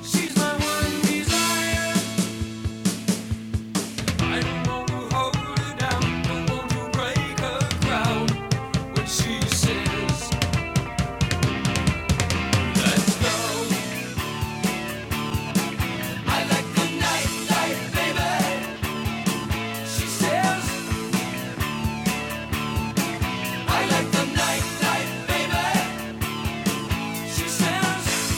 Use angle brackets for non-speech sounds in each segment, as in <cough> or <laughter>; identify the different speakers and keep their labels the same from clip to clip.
Speaker 1: She's my one desire. I don't want to hold her down, don't want to break her crown. When she says, let's go. I like the nightlife, baby. She says, I like the nightlife, baby. She says,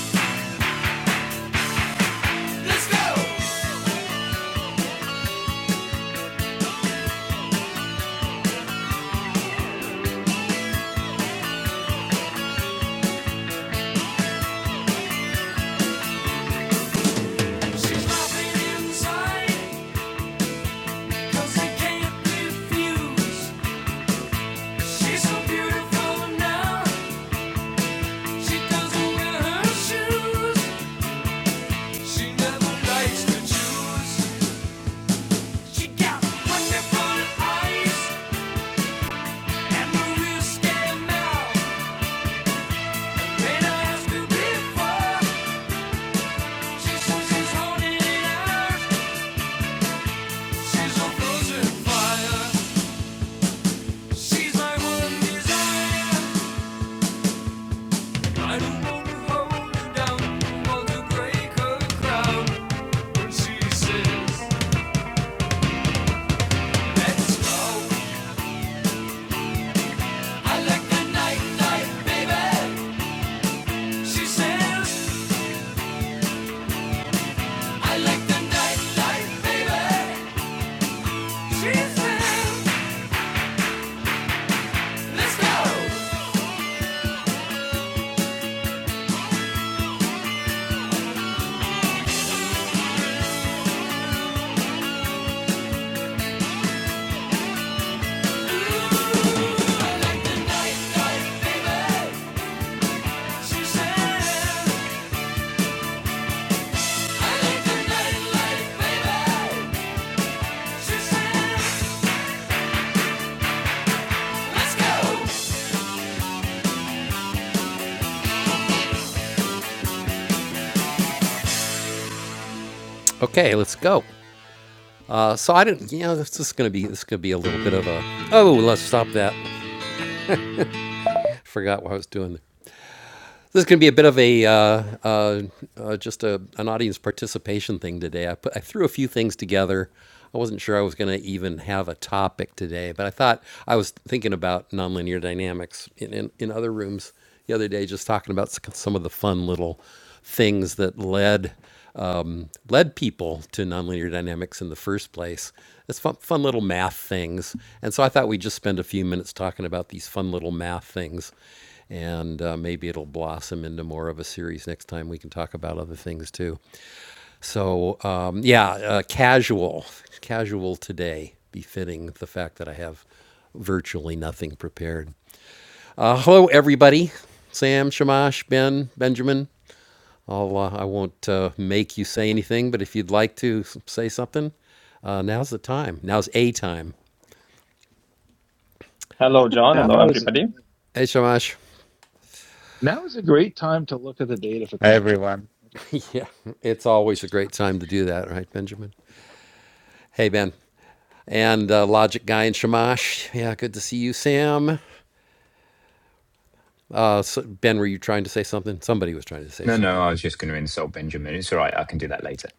Speaker 1: let's go. She's dropping inside, 'cause I can't refuse. She's so beautiful now, she doesn't wear her shoes. She never likes to choose. She got wonderful eyes and a real mouth. When I before, she says she's haunted house. She's a frozen fire. She's my one desire. I don't want to hold her down, want to break her crown. When she says, "Let's go," I like the night baby. She says, "I like the night baby." She says. Okay, let's go. Uh, so I didn't. You know, this is gonna be this could be a little bit of a. Oh, let's stop that. Forgot what I was doing. This is going to be a bit of a uh, uh, uh, just a, an audience participation thing today. I put I threw a few things together. I wasn't sure I was going to even have a topic today, but I thought I was thinking about nonlinear dynamics in, in, in other rooms the other day, just talking about some of the fun little things that led um, led people to nonlinear dynamics in the first place. It's fun, fun little math things. And so I thought we'd just spend a few minutes talking about these fun little math things. And uh, maybe it'll blossom into more of a series next time. We can talk about other things too. So, um, yeah, uh, casual, casual today, befitting the fact that I have virtually nothing prepared. Uh, hello, everybody. Sam, Shamash, Ben, Benjamin. I'll, uh, I won't uh, make you say anything, but if you'd like to say something, uh, now's the time. Now's a time.
Speaker 2: Hello, John. Hello,
Speaker 3: Now is a
Speaker 2: everybody.
Speaker 3: time.
Speaker 1: Hey, Shamash.
Speaker 3: Now is a great time to look at the data for
Speaker 4: Hi,
Speaker 3: quantum.
Speaker 4: everyone.
Speaker 1: <laughs> yeah, it's always a great time to do that, right, Benjamin? Hey, Ben. And uh, Logic Guy and Shamash. Yeah, good to see you, Sam. Uh, so- ben, were you trying to say something? Somebody was trying to say
Speaker 5: No, no,
Speaker 1: something.
Speaker 5: I was just going to insult Benjamin. It's all right. I can do that later.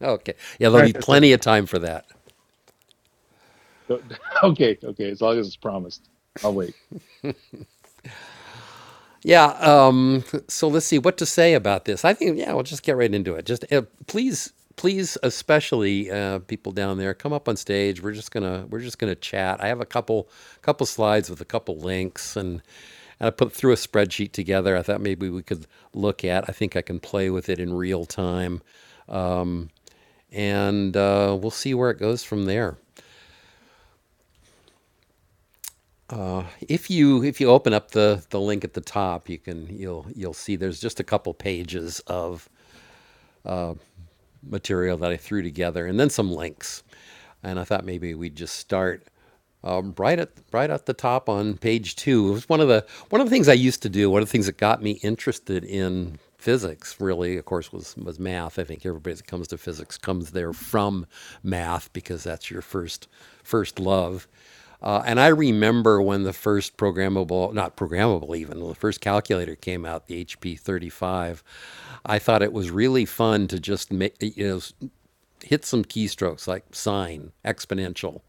Speaker 1: Okay. Yeah,
Speaker 4: No,
Speaker 1: there'll
Speaker 4: I
Speaker 1: be
Speaker 4: just said,
Speaker 1: plenty of time for that.
Speaker 3: mechanics. <laughs> Okay, okay, as long as it's promised, I'll wait.
Speaker 1: Yeah. Um, so let's see what to say about this. I think yeah, we'll just get right into it. Just uh, please, please, especially uh, people down there, come up on stage. We're just gonna we're just gonna chat. I have a couple couple slides with a couple links and. And I put through a spreadsheet together. I thought maybe we could look at. I think I can play with it in real time, and uh, we'll see where it goes from there. If you if you open up the the link at the top, you can you'll you'll see there's just a couple pages of material that I threw together, and then some links. And I thought maybe we'd just start um, right at right at the top on page two. It was one of the one of the things I used to do. One of the things that got me interested in physics, really, of course, was was math. I think everybody that comes to physics comes there from math because that's your first first love. Uh, and I remember when the first programmable, not programmable even, when the first calculator came out, the HP 35. I thought it was really fun to just make, you know, hit some keystrokes like sine, exponential,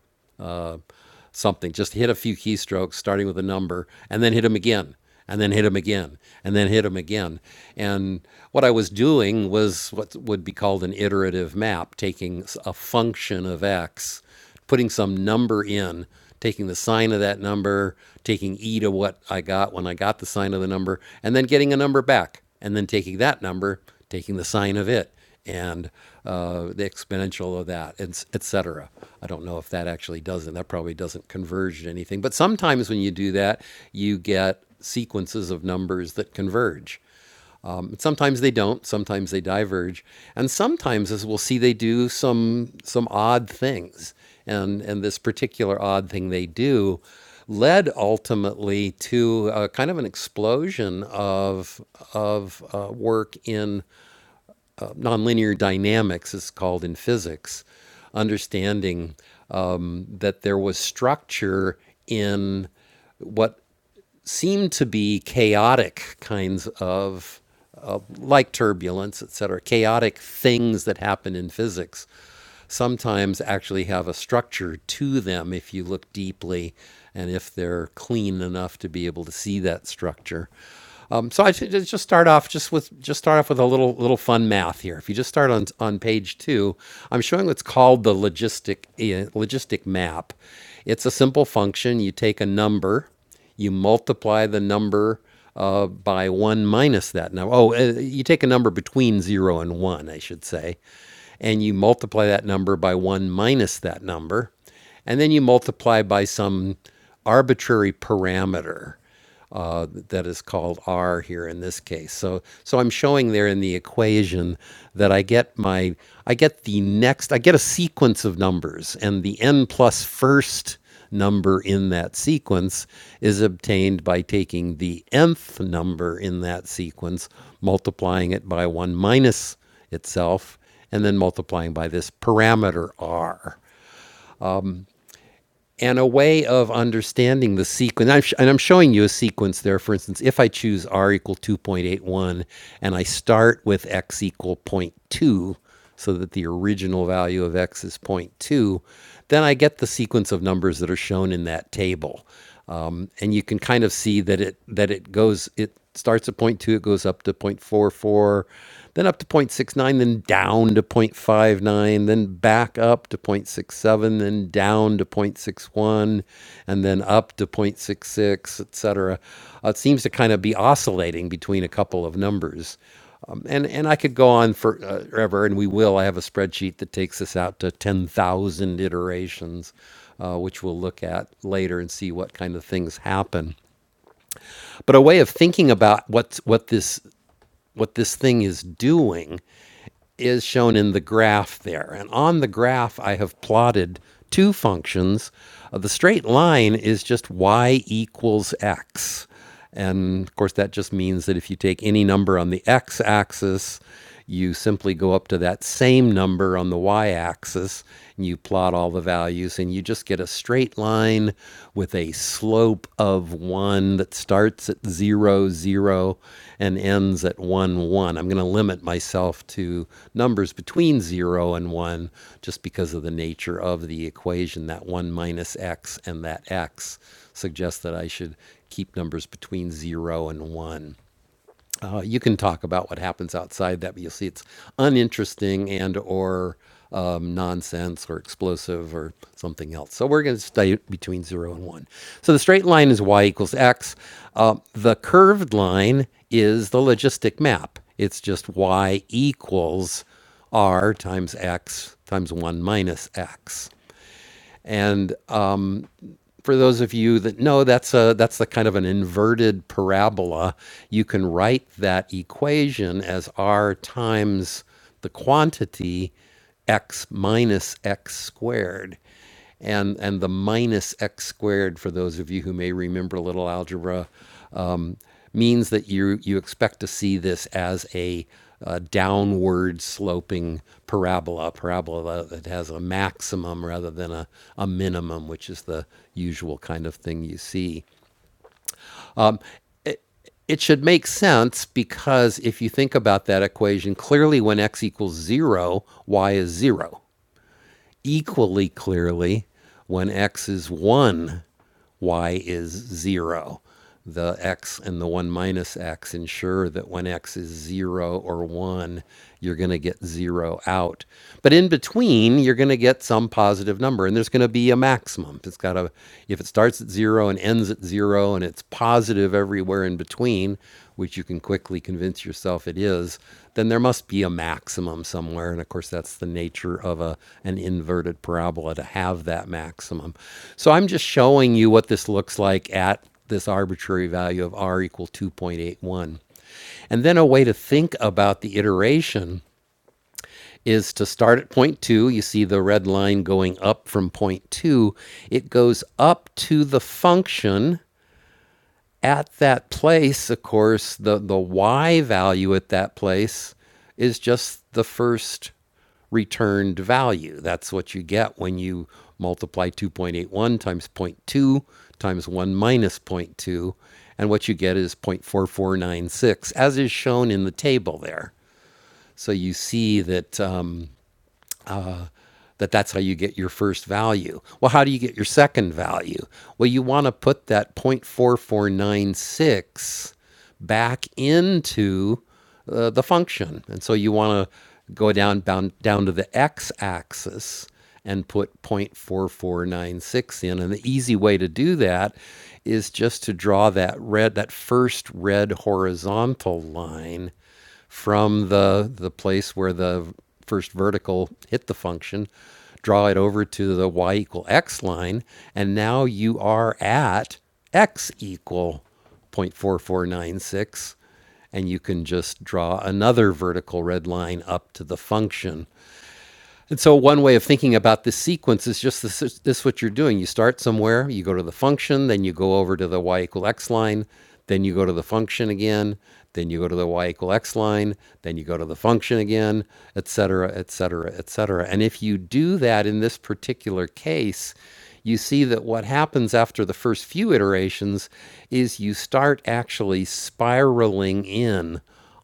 Speaker 1: something. Just hit a few keystrokes, starting with a number, and then hit them again, and then hit them again, and then hit them again. And what I was doing was what would be called an iterative map, taking a function of x, putting some number in, taking the sign of that number, taking e to what I got when I got the sign of the number, and then getting a number back, and then taking that number, taking the sign of it and uh, the exponential of that, and et cetera. I don't know if that actually does it. That probably doesn't converge to anything. But sometimes when you do that, you get sequences of numbers that converge. Sometimes they don't. Sometimes they diverge, and sometimes, as we'll see, they do some some odd things. And and this particular odd thing they do led ultimately to uh, kind of an explosion of of uh, work in nonlinear dynamics is called in physics, understanding that there was structure in what seemed to be chaotic kinds of like turbulence, etc., chaotic things that happen in physics sometimes actually have a structure to them if you look deeply and if they're clean enough to be able to see that structure. Um, so I should just just start off just with just start off with a little little fun math here. If you just start on on page two, I'm showing what's called the logistic uh, logistic map. It's a simple function. You take a number you multiply the number uh, by 1 minus that number. Oh, uh, you take a number between 0 and 1, I should say, and you multiply that number by 1 minus that number, and then you multiply by some arbitrary parameter uh, that is called R here in this case. So so I'm showing there in the equation that I get my I get the next I get a sequence of numbers and the n plus first number in that sequence is obtained by taking the nth number in that sequence, multiplying it by 1 minus itself, and then multiplying by this parameter r and a way of understanding the sequence. I'm sh- and I'm showing you a sequence there. For instance, if I choose r equal 2.81 and I start with x equal zero point 0.2, so that the original value of x is zero point 0.2, then I get the sequence of numbers that are shown in that table um, and you can kind of see that it that it goes it starts at zero point 0.2 it goes up to 0.44 then up to 0.69 then down to 0.59 then back up to 0.67 then down to 0.61 and then up to 0.66 etc uh, it seems to kind of be oscillating between a couple of numbers um, and and I could go on for, uh, forever, and we will. I have a spreadsheet that takes us out to ten thousand iterations, uh, which we'll look at later and see what kind of things happen. But a way of thinking about what's what this what this thing is doing is shown in the graph there. And on the graph, I have plotted two functions. Uh, the straight line is just y equals x. And of course, that just means that if you take any number on the x axis, you simply go up to that same number on the y axis and you plot all the values and you just get a straight straight line with a slope of one that starts at zero, zero, and ends at one, one. I'm going to limit myself to numbers between zero and one just because of the nature of the equation. That one minus x and that x suggests that I should keep numbers between zero and one. Uh, you can talk about what happens outside that, but you'll see it's uninteresting and or um, nonsense or explosive or something else. So we're going to stay between zero and one. So the straight line is y equals x. Uh, the curved line is the logistic map. It's just y equals r times x times 1 minus x. And for those of you that know that's a that's the kind of an inverted parabola you can write that equation as r times the quantity x minus x squared and and the minus x squared for those of you who may remember a little algebra means that you you expect to see this as a uh, downward sloping parabola, a parabola that has a maximum rather than a, a minimum, which is the usual kind of thing you see. It, it should make sense because if you think about that equation, clearly when x equals zero, y is zero equally clearly when x is 1, y is 0. The x and the 1 minus x ensure that when x is 0 or 1, you're going to get 0 out. But in between, you're going to get some positive number, and there's going to be a maximum. It's got to, if it starts at 0 and ends at 0 and it's positive everywhere in between, which you can quickly convince yourself it is, then there must be a maximum somewhere. And of course, that's the nature of a, an inverted parabola to have that maximum. So I'm just showing you what this looks like at this arbitrary value of r equal 2.81. And then a way to think about the iteration is to start at point two. You see the red line going up from point two. It goes up to the function at that place, of course, the, the Y value at that place is just the first returned value. That's what you get when you multiply 2.81 times zero point 0.2 times 1 minus zero point 0.2. And what you get is 0.4496, as is shown in the table there. So you see that um, that that's how you get your first value. Well, how do you get your second value? Well, you want to put that 0.4496 back into uh, the function. And so you want to go down, down down to the x axis and put 0.4496 in. And the easy way to do that is just to draw that red that first red horizontal line from the the place where the first vertical hit the function, draw it over to the y equal x line, and now you are at x equal 0.4496, and you can just draw another vertical red line up to the function and so, one way of thinking about this sequence is just this, this is- what you're doing. You start somewhere, you go to the function, then you go over to the y equal x line, then you go to the function again, then you go to the y equal x line, then you go to the function again, et cetera, et cetera, et cetera. And if you do that in this particular case, you see that what happens after the first few iterations is you start actually spiraling in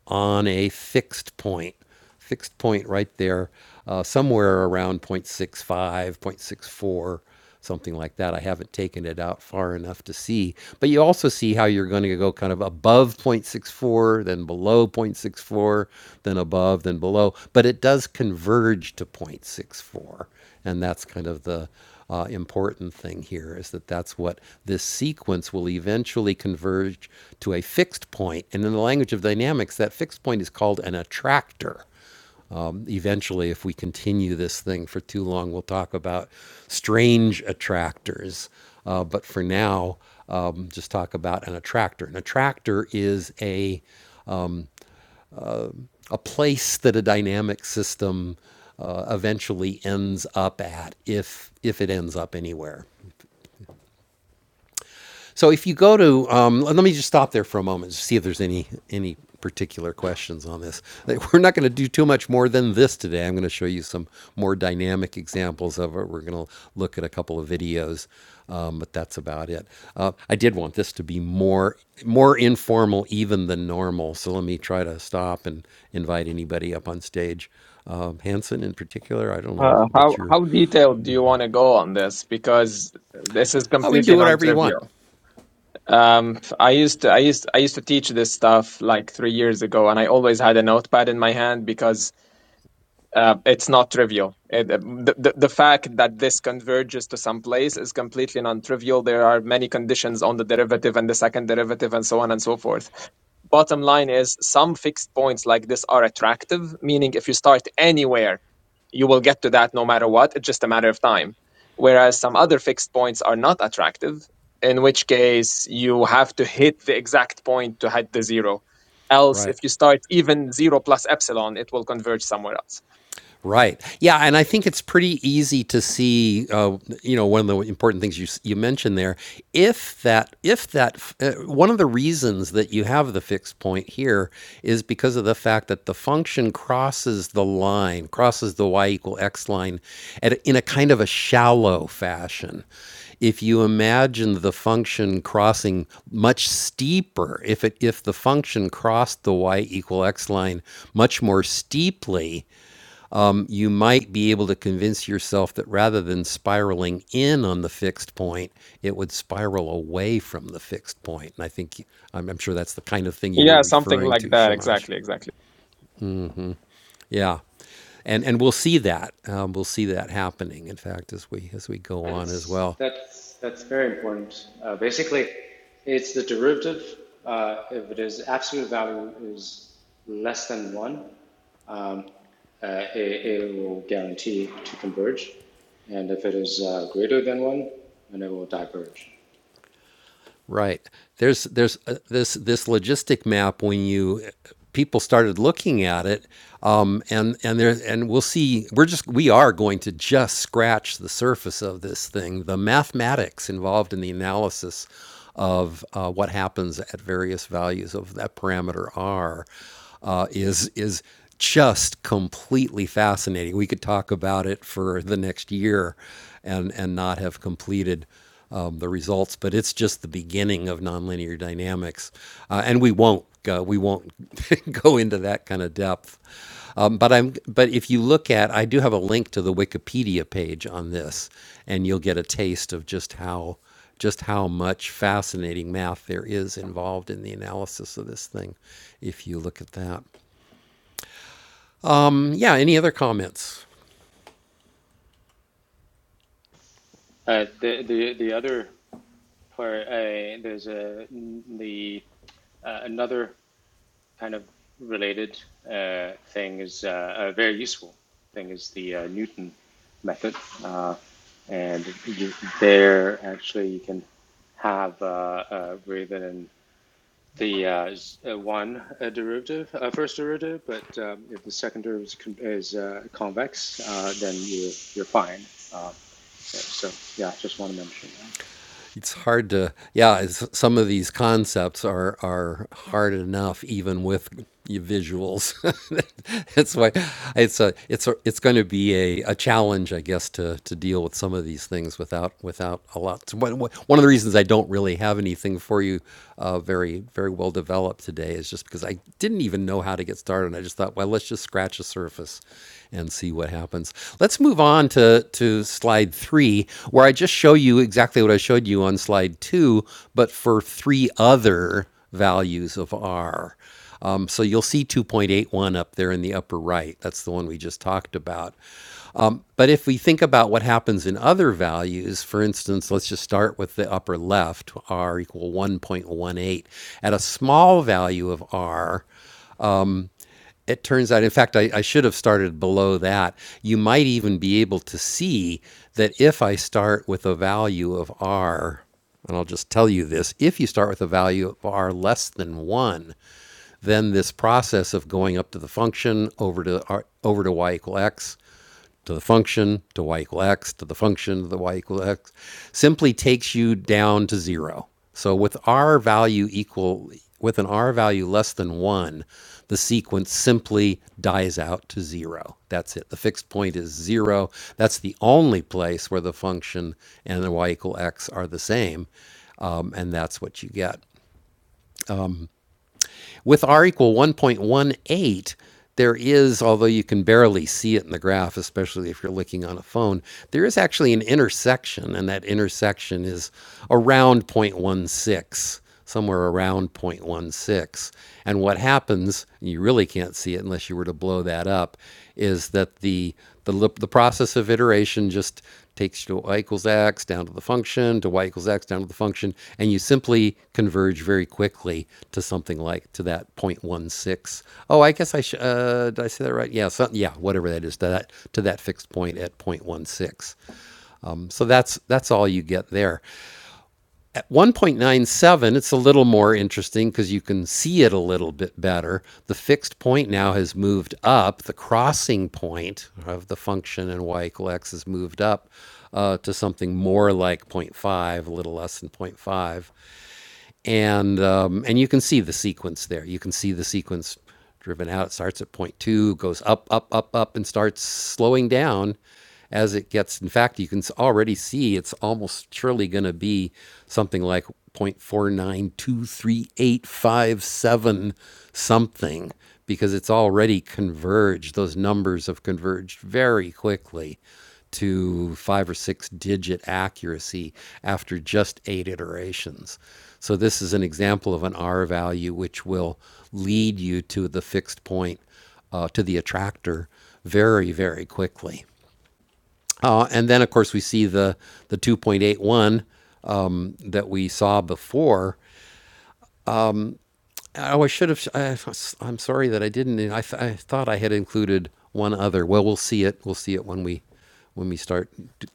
Speaker 1: on a fixed point fixed point right there, uh, somewhere around 0.65, 0.64, something like that. I haven't taken it out far enough to see. But you also see how you're going to go kind of above 0.64, then below 0.64, then above, then below. But it does converge to 0.64. And that's kind of the uh, important thing here is that that's what this sequence will eventually converge to a fixed point. And in the language of dynamics, that fixed point is called an attractor eventually, if we continue this thing for too long, we'll talk about strange attractors. Uh, but for now, um, just talk about an attractor. An attractor is a a place that a dynamic system uh, eventually ends up at, if if it ends up anywhere. So if you go to, um, let me just stop there for a moment to see if there's any any particular questions on this. Like, We're not going to do too much more than this today. I'm going to show you some more dynamic examples of it. We're going to look at a couple of videos, um, but that's about it. Uh, I did want this to be more more informal even than normal. So let me try to stop and invite anybody up on stage. Um, Hanson in particular, I don't know
Speaker 2: Uh,
Speaker 1: what
Speaker 2: how
Speaker 1: your.
Speaker 2: how detailed do you want to go on this? Because this is
Speaker 1: Oh, we can do
Speaker 2: completely
Speaker 1: whatever you want.
Speaker 2: non-trivial. Um, I used to I used I used to teach this stuff like three years ago, and I always had a notepad in my hand because uh, it's not trivial. It, the, the the fact that this converges to some place is completely non-trivial. There are many conditions on the derivative and the second derivative, and so on and so forth. bottom line is some fixed points like this are attractive, meaning if you start anywhere, you will get to that no matter what. It's just a matter of time. Whereas some other fixed points are not attractive, in which case you have to hit the exact point to hit the zero. Else, if
Speaker 1: Right.
Speaker 2: you start even zero plus epsilon, it will converge somewhere else.
Speaker 1: Right. Yeah, and I think it's pretty easy to see. Uh, you know, one of the important things you s- you mentioned there, if that if that f- uh, one of the reasons that you have the fixed point here is because of the fact that the function crosses the line, crosses the y equal x line, at, a- in a kind of a shallow fashion. If you imagine the function crossing much steeper, if it if the function crossed the y equal x line much more steeply, you might be able to convince yourself that rather than spiraling in on the fixed point, it would spiral away from the fixed point. And I think I'm, I'm sure that's the kind of thing you were
Speaker 2: Yeah, something
Speaker 1: referring
Speaker 2: like
Speaker 1: to,
Speaker 2: that.
Speaker 1: Shamash.
Speaker 2: Exactly, exactly.
Speaker 1: Yeah, and and we'll see that um, we'll see that happening. In fact, as we as we go on as
Speaker 6: That's
Speaker 1: well.
Speaker 6: that's that's very important. Uh, basically, it's the derivative. Uh, if it is absolute value is less than one, um, uh, it, it will guarantee to converge, and if it is uh, greater than one, then it will diverge.
Speaker 1: Right. There's there's uh, this this logistic map when you people started looking at it um, and and there and we'll see we're just we are going to just scratch the surface of this thing the mathematics involved in the analysis of uh, what happens at various values of that parameter r uh, is is just completely fascinating we could talk about it for the next year and and not have completed um, the results, but it's just the beginning of nonlinear dynamics, uh, and we won't uh, we won't <laughs> go into that kind of depth. Um, but I'm but if you look at, I do have a link to the Wikipedia page on this, and you'll get a taste of just how just how much fascinating math there is involved in the analysis of this thing, if you look at that. Mm, yeah. Any other comments?
Speaker 6: Uh, the the the other part, uh, there's a the uh, another kind of related uh, thing is uh, a very useful thing is the uh, Newton method, uh, and you, there actually you can have uh, uh, rather than the uh, uh, one uh, derivative, uh, first derivative, but um, if the second derivative is, is uh, convex, uh, then you're you're fine. Uh, so yeah, just want to mention that.
Speaker 1: it's hard to yeah it's, some of these concepts are are hard enough even with visuals <laughs> that's why it's a it's a, it's going to be a, a challenge i guess to to deal with some of these things without without a lot so one one of the reasons i don't really have anything for you uh, very very well developed today is just because I didn't even know how to get started. I just thought, well, let's just scratch the surface and see what happens. Let's move on to, to slide three, where I just show you exactly what I showed you on slide two, but for three other values of R. Um, so you'll see 2.81 up there in the upper right. That's the one we just talked about. But if we think about what happens in other values, for instance, let's just start with the upper left, r equal 1.18. At a small value of r, it turns out, in fact, I, I should have started below that. You might even be able to see that if I start with a value of r, and I'll just tell you this if you start with a value of r less than 1, then this process of going up to the function over to r, over to y equal x to the function to y equal x to the function to the y equal x simply takes you down to zero. So with r value equal with an r value less than one, the sequence simply dies out to zero. That's it. The fixed point is zero. That's the only place where the function and the y equal x are the same, um, and that's what you get. With r equal 1.18, there is, although you can barely see it in the graph, especially if you're looking on a phone, there is actually an intersection, and that intersection is around 0.16, somewhere around 0.16. And what happens, you really can't see it unless you were to blow that up, is that the the the process of iteration just takes you to y equals x down to the function to y equals x down to the function, and you simply converge very quickly to something like to that 0.16. Oh, I guess I sh- uh, did I say that right? Yeah, so, yeah, whatever that is to that to that fixed point at 0.16. Um, so that's that's all you get there. At 1.97, it's a little more interesting because you can see it a little bit better. The fixed point now has moved up. The crossing point of the function in y equal x has moved up uh, to something more like zero point 0.5, a little less than zero point 0.5 and um, and you can see the sequence there. You can see the sequence driven out. It starts at point two, goes up, up, up, up, and starts slowing down as it gets. In fact, you can already see it's almost surely going to be something like 0.4923857 something because it's already converged. Those numbers have converged very quickly to five or six digit accuracy after just eight iterations. So, this is an example of an R value which will lead you to the fixed point, uh, to the attractor, very, very quickly. Uh, and then, of course, we see the, the 2.81 um, that we saw before. Oh, I should have. I, I'm sorry that I didn't. I, th- I thought I had included one other. Well, we'll see it. We'll see it when we when we start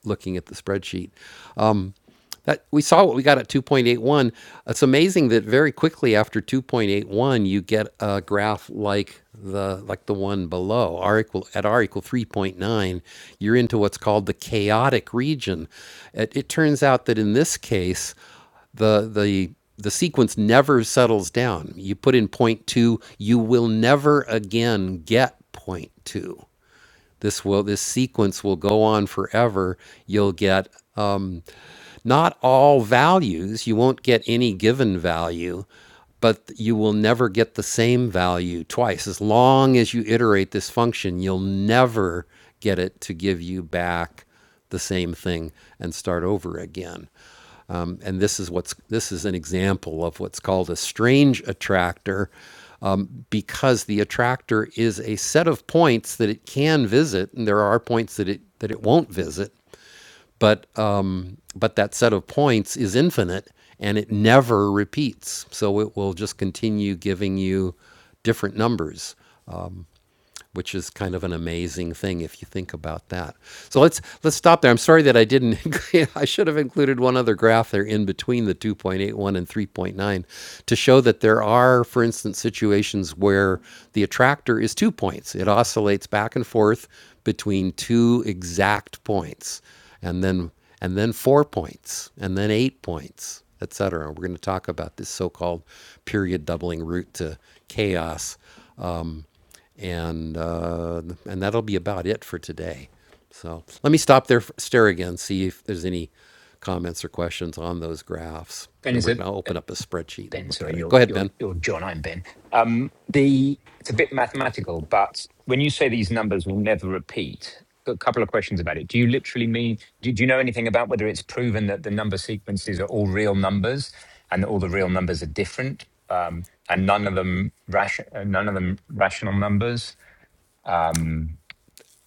Speaker 1: looking at the spreadsheet. That we saw what we got at 2.81. It's amazing that very quickly after 2.81 you get a graph like the like the one below. R equal at R equal 3.9, you're into what's called the chaotic region. It, it turns out that in this case, the the the sequence never settles down. You put in zero point 0.2, you will never again get zero point 0.2. This will this sequence will go on forever. You'll get um, not all values, you won't get any given value, but you will never get the same value twice. As long as you iterate this function, you'll never get it to give you back the same thing and start over again. Um, and this is what's this is an example of what's called a strange attractor because the attractor is a set of points that it can visit and there are points that it that it won't visit but um, but that set of points is infinite and it never repeats. So it will just continue giving you different numbers which is kind of an amazing thing if you think about that. So let's let's stop there. I'm sorry that I didn't. <laughs> I should have included one other graph there in between the 2.81 and 3.9 to show that there are, for instance, situations where the attractor is two points. It oscillates back and forth between two exact points, and then and then four points, and then eight points, etc. We're going to talk about this so-called period doubling route to chaos and uh, and that'll be about it for today. So let me stop there, stare again, see if there's any comments or questions on those graphs.
Speaker 5: Ben
Speaker 1: Then
Speaker 5: is
Speaker 1: we're
Speaker 5: a
Speaker 1: going to
Speaker 5: uh,
Speaker 1: open up a spreadsheet and
Speaker 5: Ben.
Speaker 1: look at
Speaker 5: Sorry,
Speaker 1: it.
Speaker 5: you're
Speaker 1: Go ahead,
Speaker 5: you're
Speaker 1: Ben.
Speaker 5: you're John. I'm Ben. Um, the it's a bit mathematical, but when you say these numbers will never repeat, a couple of questions about it. Do you literally mean? Do, do you know anything about whether it's proven that the number sequences are all real numbers and that all the real numbers are different, um, and none of them ration, uh, none of them rational numbers? Um,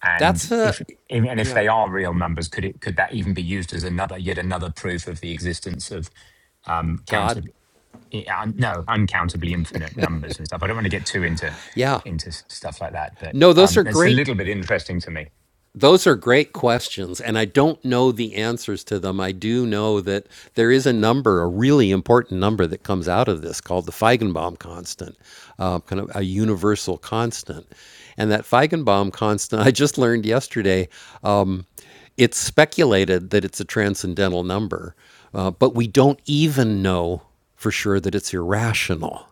Speaker 5: And
Speaker 1: That's a
Speaker 5: if and if
Speaker 1: yeah,
Speaker 5: they are real numbers, could it could that even be used as another yet another proof of the existence of um,
Speaker 1: God.
Speaker 5: counted uh, no uncountably infinite numbers and stuff? I don't want to get too into
Speaker 1: Yeah.
Speaker 5: into s- stuff like that, but
Speaker 1: No, those
Speaker 5: um,
Speaker 1: are
Speaker 5: that's a
Speaker 1: great
Speaker 5: little bit interesting to me.
Speaker 1: Those are great questions, and I don't know the answers to them. I do know that there is a number, a really important number, that comes out of this called the Feigenbaum constant, uh, kind of a universal constant. And that Feigenbaum constant, <laughs> I just learned yesterday, um, it's speculated that it's a transcendental number, uh, but we don't even know for sure that it's irrational.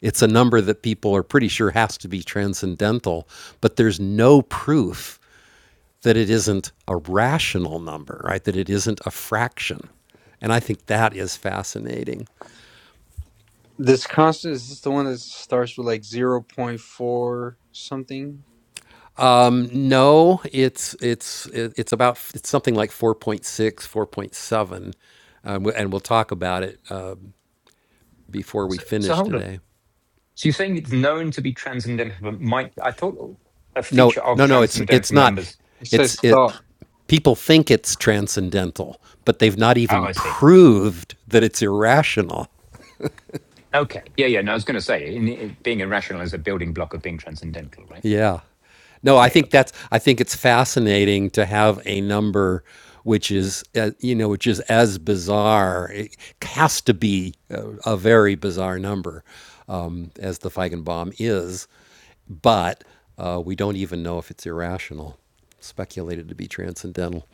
Speaker 1: It's a number that people are pretty sure has to be transcendental, but there's no proof that it isn't a rational number, right? That it isn't a fraction. And I think that is fascinating.
Speaker 7: This constant is this the one that starts with like zero point four something?
Speaker 1: Um, no, it's it's it's about it's something like four point six, four point seven, um, and we'll talk about it uh, before we
Speaker 5: So, so
Speaker 1: finish
Speaker 5: hold on.
Speaker 1: today.
Speaker 5: So you're saying it's known to be transcendental, but might I thought a
Speaker 1: No,
Speaker 5: feature of
Speaker 1: no, no, it's it's
Speaker 5: transcendental
Speaker 1: not.
Speaker 5: numbers?
Speaker 7: It
Speaker 1: It's
Speaker 7: says
Speaker 1: it.
Speaker 7: thought.
Speaker 1: People think it's transcendental, but they've not
Speaker 5: Oh,
Speaker 1: even
Speaker 5: I see.
Speaker 1: proved that it's irrational.
Speaker 5: Okay. Yeah, yeah. No, I was going to say, in, in, being irrational is a building block of being transcendental, right?
Speaker 1: Yeah. No, I
Speaker 5: Yeah. yeah,
Speaker 1: think
Speaker 5: Okay.
Speaker 1: that's I think it's fascinating to have a number which is uh, you know which is as bizarre it has to be a, a very bizarre number um, as the Feigenbaum is, but uh, we don't even know if it's irrational. Speculated to be transcendental.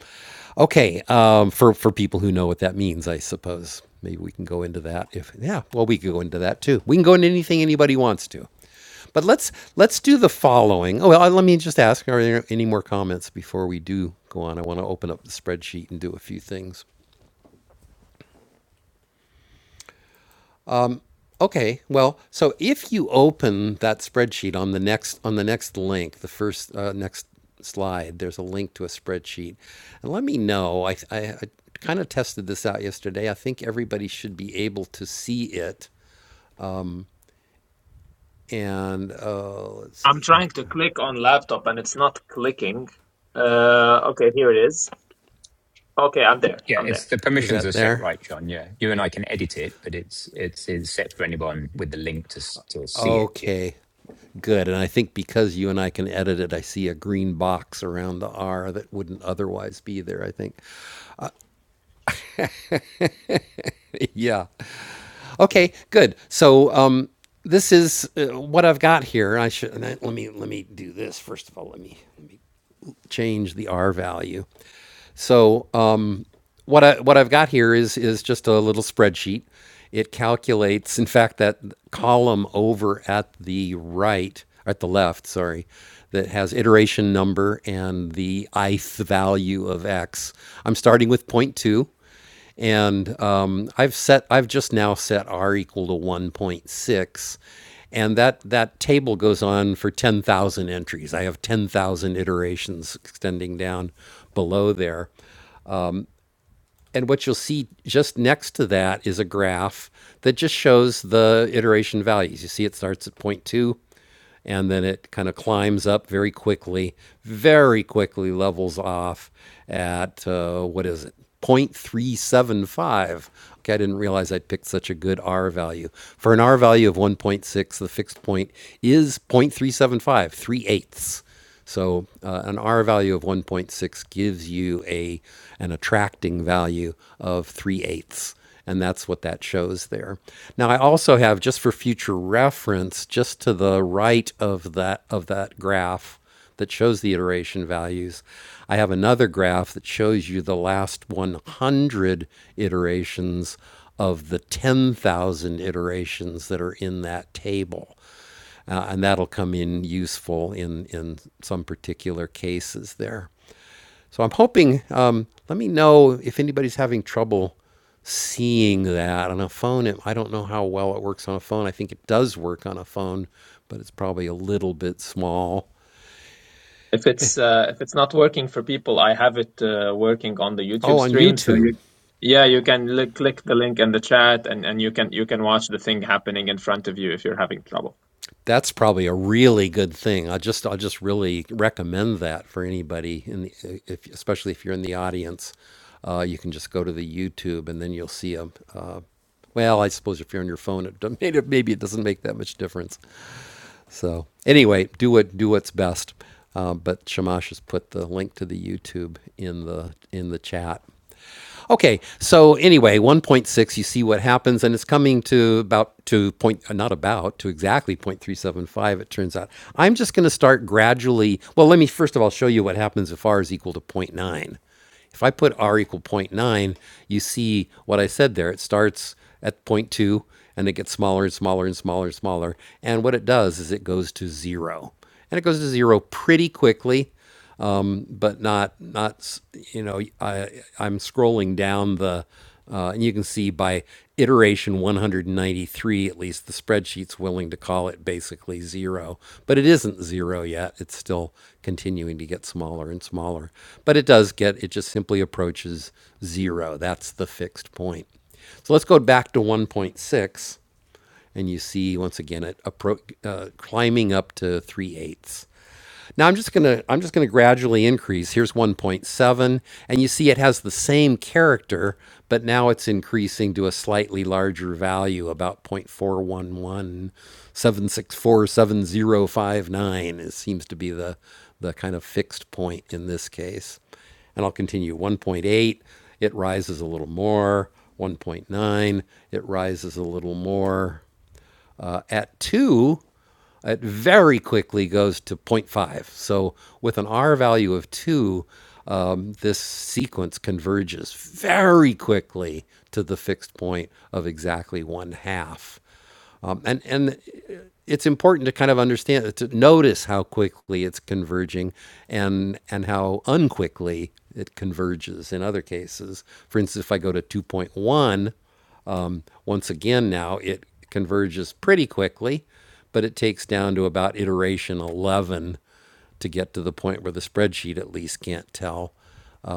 Speaker 1: Okay, um, for for people who know what that means, I suppose maybe we can go into that. If yeah, well, we could go into that too. We can go into anything anybody wants to. But let's let's do the following. Oh well, let me just ask: Are there any more comments before we do go on? I want to open up the spreadsheet and do a few things. Okay, well, so if you open that spreadsheet on the next on the next link, the first uh, next slide, there's a link to a spreadsheet, and let me know. I I, I kind of tested this out yesterday. I think everybody should be able to see it. And uh, let's
Speaker 2: I'm
Speaker 1: see,
Speaker 2: trying to click on laptop and it's not clicking. Uh, okay, here it is. Okay, I'm there.
Speaker 5: Yeah,
Speaker 2: I'm there.
Speaker 5: it's the
Speaker 1: is
Speaker 5: permissions
Speaker 1: that
Speaker 5: are set
Speaker 1: there?
Speaker 5: right, John. Yeah, you and I can edit it, but it's it's, it's set for anyone with the link to still see it. Yeah,
Speaker 1: Okay, good. And I think because you and I can edit it, I see a green box around the R that wouldn't otherwise be there, I think. <laughs> yeah. Okay, good. So, um, this is uh, what I've got here. I should and I- let me let me do this first of all. Let me change the R value. So, um, what I what I've got here is is just a little spreadsheet. It calculates, in fact, that column over at the right, at the left, sorry, that has iteration number and the ith value of x. I'm starting with zero point 0.2, and um, I've set I've just now set r equal to 1.6, and that that table goes on for 10,000 entries. I have 10,000 iterations extending down below there. And what you'll see just next to that is a graph that just shows the iteration values. You see, it starts at zero point 0.2 and then it kind of climbs up very quickly, very quickly levels off at uh, what is it? 0.375. Okay, I didn't realize I'd picked such a good R value. For an R value of 1.6, the fixed point is 0.375, 3 seven five, three eighths. So uh, an R value of 1.6 gives you a an attracting value of 3 eighths. And that's what that shows there. Now I also have just for future reference, just to the right of that of that graph that shows the iteration values, I have another graph that shows you the last 100 iterations of the 10,000 iterations that are in that table uh, and that'll come in useful in, in some particular cases there. So I'm hoping, um, let me know if anybody's having trouble seeing that on a phone. It, I don't know how well it works on a phone. I think it does work on a phone, but it's probably a little bit small.
Speaker 2: If it's uh, if it's not working for people, I have it uh, working on the
Speaker 1: Oh,
Speaker 2: YouTube
Speaker 1: on
Speaker 2: stream. So
Speaker 1: YouTube,
Speaker 2: you, yeah, you can li click the link in the chat, and and you can you can watch the thing happening in front of you if you're having trouble.
Speaker 1: that's probably a really good thing. I just I just really recommend that for anybody in the, if, especially if you're in the audience. Uh, you can just go to the YouTube and then you'll see a. Uh, well, I suppose if you're on your phone, it don't- <laughs> maybe maybe it doesn't make that much difference. So anyway, do what do what's best. Uh, but Shamash has put the link to the YouTube in the in the chat. Okay, so anyway, 1.6, you see what happens, and it's coming to about to point, uh, not about, to exactly 0.375, it turns out. I'm just going to start gradually. Well, let me first of all show you what happens if r is equal to zero point 0.9. If I put r equal zero point 0.9, you see what I said there. It starts at zero point 0.2 and it gets smaller and smaller and smaller and smaller. And what it does is it goes to zero. And it goes to zero pretty quickly but not not you know I I'm scrolling down the uh, and you can see by iteration 193 at least the spreadsheet's willing to call it basically zero but it isn't zero yet it's still continuing to get smaller and smaller but it does get it just simply approaches zero that's the fixed point so let's go back to 1.6 and you see once again it appro- uh, climbing up to 3 eighths now I'm just gonna I'm just gonna gradually increase. Here's 1.7, and you see it has the same character, but now it's increasing to a slightly larger value, about 0.4117647059. It seems to be the the kind of fixed point in this case. And I'll continue 1.8, it rises a little more. 1.9, it rises a little more. Uh, at two, it very quickly goes to zero point 0.5. So with an R value of two, um, this sequence converges very quickly to the fixed point of exactly one half. Um, and, and it's important to kind of understand, to notice how quickly it's converging and, and how unquickly it converges in other cases. For instance, if I go to 2.1, once again, now it converges pretty quickly, but it takes down to about iteration 11 to get to the point where the spreadsheet at least can't tell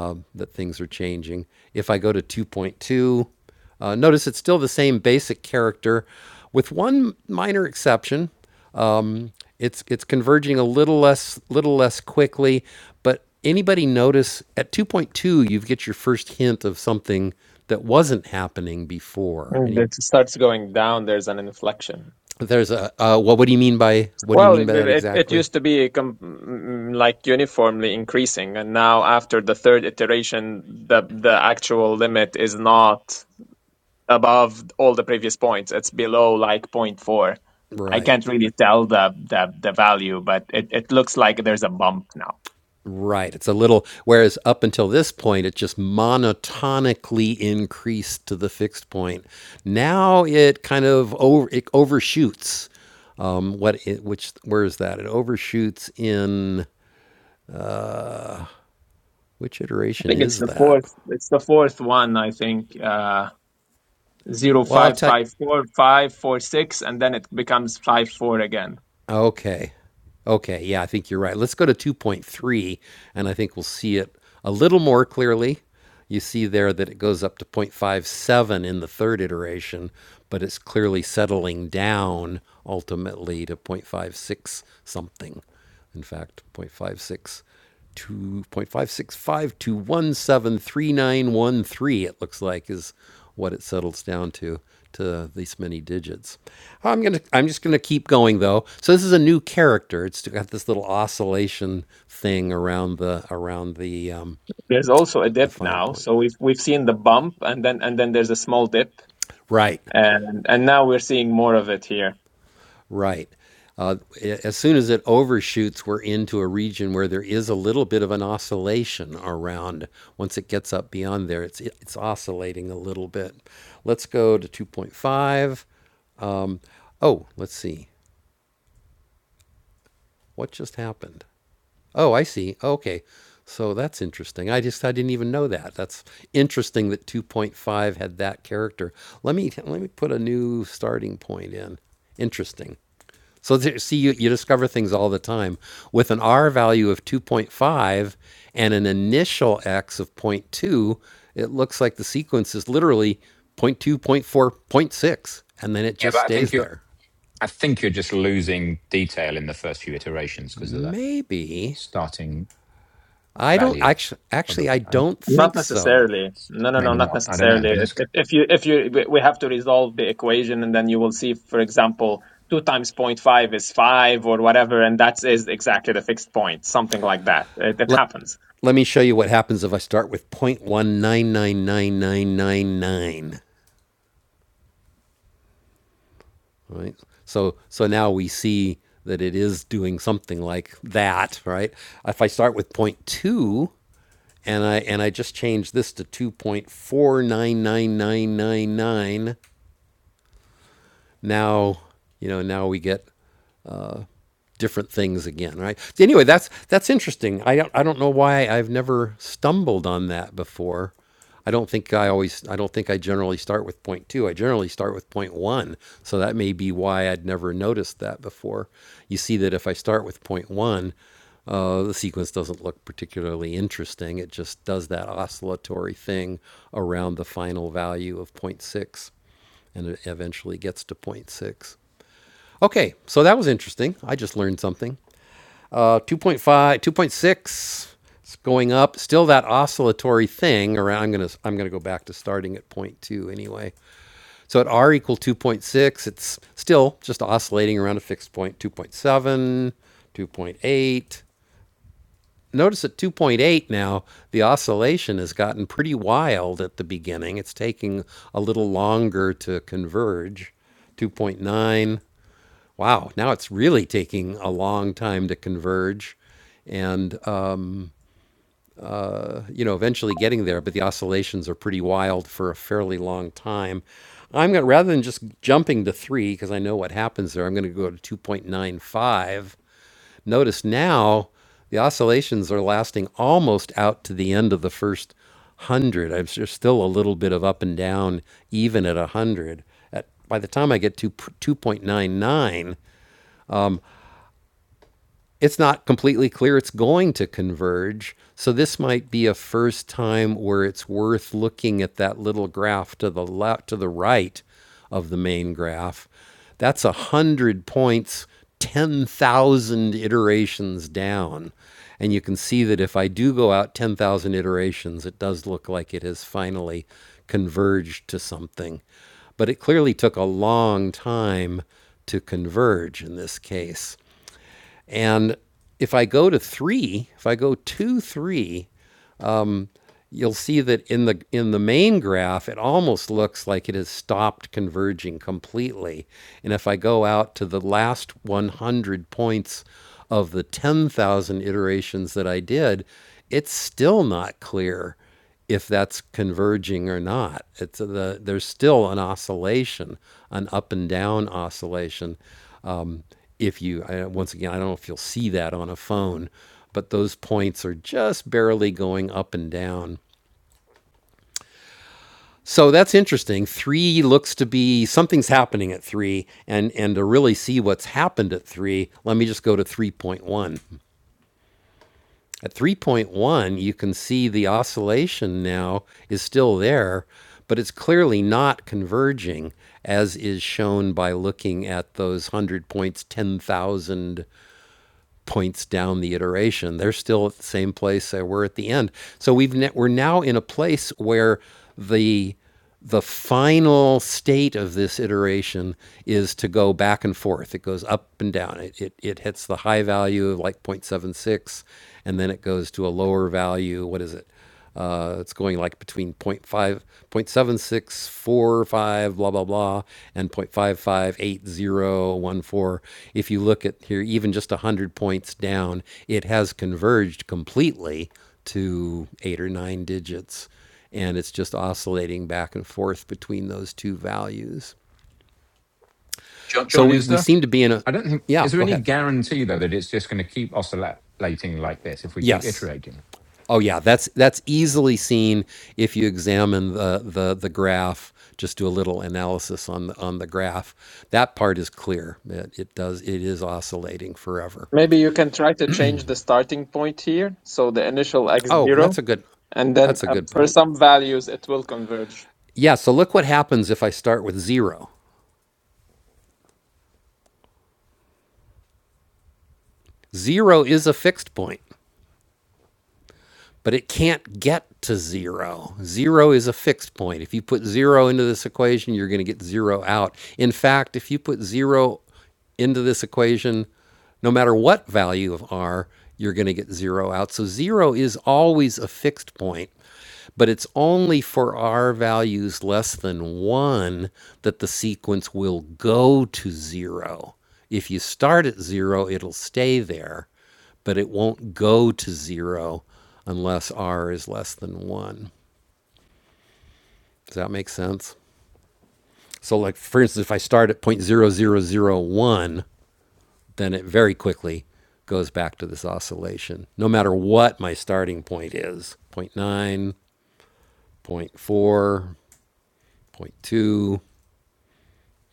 Speaker 1: um, that things are changing. If I go to 2.2, uh, notice it's still the same basic character, with one minor exception. It's it's converging a little less little less quickly, but anybody notice at 2.2 you get your first hint of something that wasn't happening before.
Speaker 2: And It
Speaker 1: Any
Speaker 2: starts going down. There's an inflection.
Speaker 1: There's a uh, what? What do you mean by what do you
Speaker 2: Well,
Speaker 1: mean
Speaker 2: it
Speaker 1: by that
Speaker 2: it, it
Speaker 1: exactly?
Speaker 2: used to be com mm, like uniformly increasing, and now after the third iteration, the the actual limit is not. above all the previous points. It's below like point four. I
Speaker 1: Right,
Speaker 2: can't really tell the the, the value, but it, it looks like there's a bump now.
Speaker 1: right. It's a little. Whereas up until this point, it just monotonically increased to the fixed point. Now it kind of over it overshoots. Um, what? It, which? Where is that? It overshoots in which
Speaker 2: I
Speaker 1: iteration
Speaker 2: think it's
Speaker 1: is
Speaker 2: the
Speaker 1: that?
Speaker 2: fourth. It's the fourth one. I think uh, zero
Speaker 1: Well, I'll
Speaker 2: five
Speaker 1: tell. you.
Speaker 2: five four five four six, and then it becomes five four again.
Speaker 1: Okay. Okay. Yeah, I think you're right. Let's go to 2.3, and I think we'll see it a little more clearly. You see there that it goes up to 0.57 in the third iteration, but it's clearly settling down ultimately to 0.56 something. In fact, 0.56. 2.565 to 173913, it looks like, is what it settles down to, to these many digits. I'm going to, I'm just going to keep going though. So this is a new character. It's got this little oscillation thing around the, around the, um,
Speaker 2: There's also a
Speaker 1: the
Speaker 2: dip
Speaker 1: fine
Speaker 2: now.
Speaker 1: point.
Speaker 2: So we've we've seen the bump and then and then there's a small dip
Speaker 1: Right.
Speaker 2: and and now we're seeing more of it here.
Speaker 1: Right. Uh, as soon as it overshoots, we're into a region where there is a little bit of an oscillation around. Once it gets up beyond there, it's it's oscillating a little bit. Let's go to 2.5. Um, oh, let's see. What just happened? Oh, I see. Okay. So that's interesting. I just I didn't even know that. That's interesting that 2.5 had that character. Let me let me put a new starting point in. Interesting. So there, see, you, you discover things all the time. With an R value of 2.5 and an initial X of zero point 0.2, it looks like the sequence is literally zero point 0.2, zero point four, zero point six, and then it
Speaker 5: yeah,
Speaker 1: just
Speaker 5: but I think
Speaker 1: stays
Speaker 5: you're
Speaker 1: there.
Speaker 5: I think you're just losing detail in the first few iterations because of that
Speaker 1: Maybe.
Speaker 5: starting
Speaker 1: I don't
Speaker 5: value,
Speaker 1: actually, actually, I
Speaker 5: probably. I,
Speaker 1: don't
Speaker 2: Not
Speaker 1: think so.
Speaker 2: necessarily. No, no, no,
Speaker 5: maybe
Speaker 2: not
Speaker 5: not. I don't know.
Speaker 2: necessarily.
Speaker 5: But
Speaker 2: If,
Speaker 5: it's
Speaker 2: if if you if you we we have to resolve the equation and then you will see, for example, two times point five is five or whatever, and that is exactly the fixed point, something like that. It, it
Speaker 1: Let,
Speaker 2: happens.
Speaker 1: let me show you what happens if I start with 0.1999999. right? So so now we see that it is doing something like that, right? If I start with zero point two and I and I just change this to two point four nine nine nine nine nine, now you know now we get different things again, right? Anyway, that's that's interesting. I don't I don't know why I've never stumbled on that before. I don't think I always I don't think I generally start with point two. I generally start with point one. So that may be why I'd never noticed that before. You see that if I start with point one, uh, the sequence doesn't look particularly interesting. It just does that oscillatory thing around the final value of point six and it eventually gets to point six. Okay, so that was interesting. I just learned something. Uh, 2.5, 2.6. It's going up. Still that oscillatory thing around. I'm gonna I'm gonna go back to starting at point 0.2 anyway. So at r equal 2.6, it's still just oscillating around a fixed point. 2.7, 2.8. Notice at 2.8 now, the oscillation has gotten pretty wild at the beginning. It's taking a little longer to converge. 2.9. Wow, now it's really taking a long time to converge. And you know, eventually getting there, but the oscillations are pretty wild for a fairly long time. I'm going to, rather than just jumping to three, because I know what happens there, I'm going to go to 2.95. Notice now the oscillations are lasting almost out to the end of the first 100. I'm, there's still a little bit of up and down, even at 100. At, by the time I get to 2.99, it's not completely clear it's going to converge. So this might be a first time where it's worth looking at that little graph to the left to the right of the main graph. That's a hundred points, ten thousand iterations down. And you can see that if I do go out 10,000 iterations, it does look like it has finally converged to something. But it clearly took a long time to converge in this case. And if I go to three, if I go two, three, you'll see that in the in the main graph it almost looks like it has stopped converging completely and if i go out to the last 100 points of the 10,000 iterations that i did it's still not clear if that's converging or not it's the there's still an oscillation an up and down oscillation um, if you I, once again i don't know if you'll see that on a phone but those points are just barely going up and down so that's interesting. Three looks to be something's happening at three, and and to really see what's happened at three, let me just go to three point one. At three point one, you can see the oscillation now is still there, but it's clearly not converging, as is shown by looking at those one hundred points, ten thousand points down the iteration. They're still at the same place they were at the end. So we've ne- we're now in a place where the the final state of this iteration is to go back and forth. It goes up and down. It, it, it hits the high value of like 0.76, and then it goes to a lower value. What is it? Uh, it's going like between zero point 0.5, 0.7645, blah, blah, blah, and 0.558014. If you look at here, even just 100 points down, it has converged completely to eight or nine digits. And it's just oscillating back and forth between those two values.
Speaker 5: John.
Speaker 1: So
Speaker 5: John,
Speaker 1: we,
Speaker 5: is
Speaker 1: we
Speaker 5: there?
Speaker 1: seem to be in a,
Speaker 5: I don't think
Speaker 1: yeah,
Speaker 5: is there
Speaker 1: go
Speaker 5: any
Speaker 1: ahead.
Speaker 5: guarantee though that it's just going to keep oscillating like this if we keep
Speaker 1: Yes.
Speaker 5: iterating,
Speaker 1: Oh yeah, that's that's easily seen if you examine the the the graph. Just do a little analysis on the on the graph. That part is clear. It, it does it is oscillating forever.
Speaker 2: Maybe you can try to change the starting point here, so the initial x
Speaker 1: Oh,
Speaker 2: zero,
Speaker 1: that's a good
Speaker 2: and then
Speaker 1: that's a
Speaker 2: uh,
Speaker 1: good
Speaker 2: for
Speaker 1: point.
Speaker 2: some values it will converge.
Speaker 1: Yeah, so look what happens if I start with zero. Zero is a fixed point. but it can't get to zero. Zero is a fixed point. If you put zero into this equation, you're going to get zero out. In fact, if you put zero into this equation, no matter what value of r, you're going to get zero out. So zero is always a fixed point, but it's only for r values less than one that the sequence will go to zero. If you start at zero, it'll stay there but it won't go to zero unless r is less than one. Does that make sense? So, like for instance, if I start at zero point zero zero zero 0.0001, then it very quickly goes back to this oscillation, no matter what my starting point is zero point 0.9, zero point 0.4, zero point 0.2, zero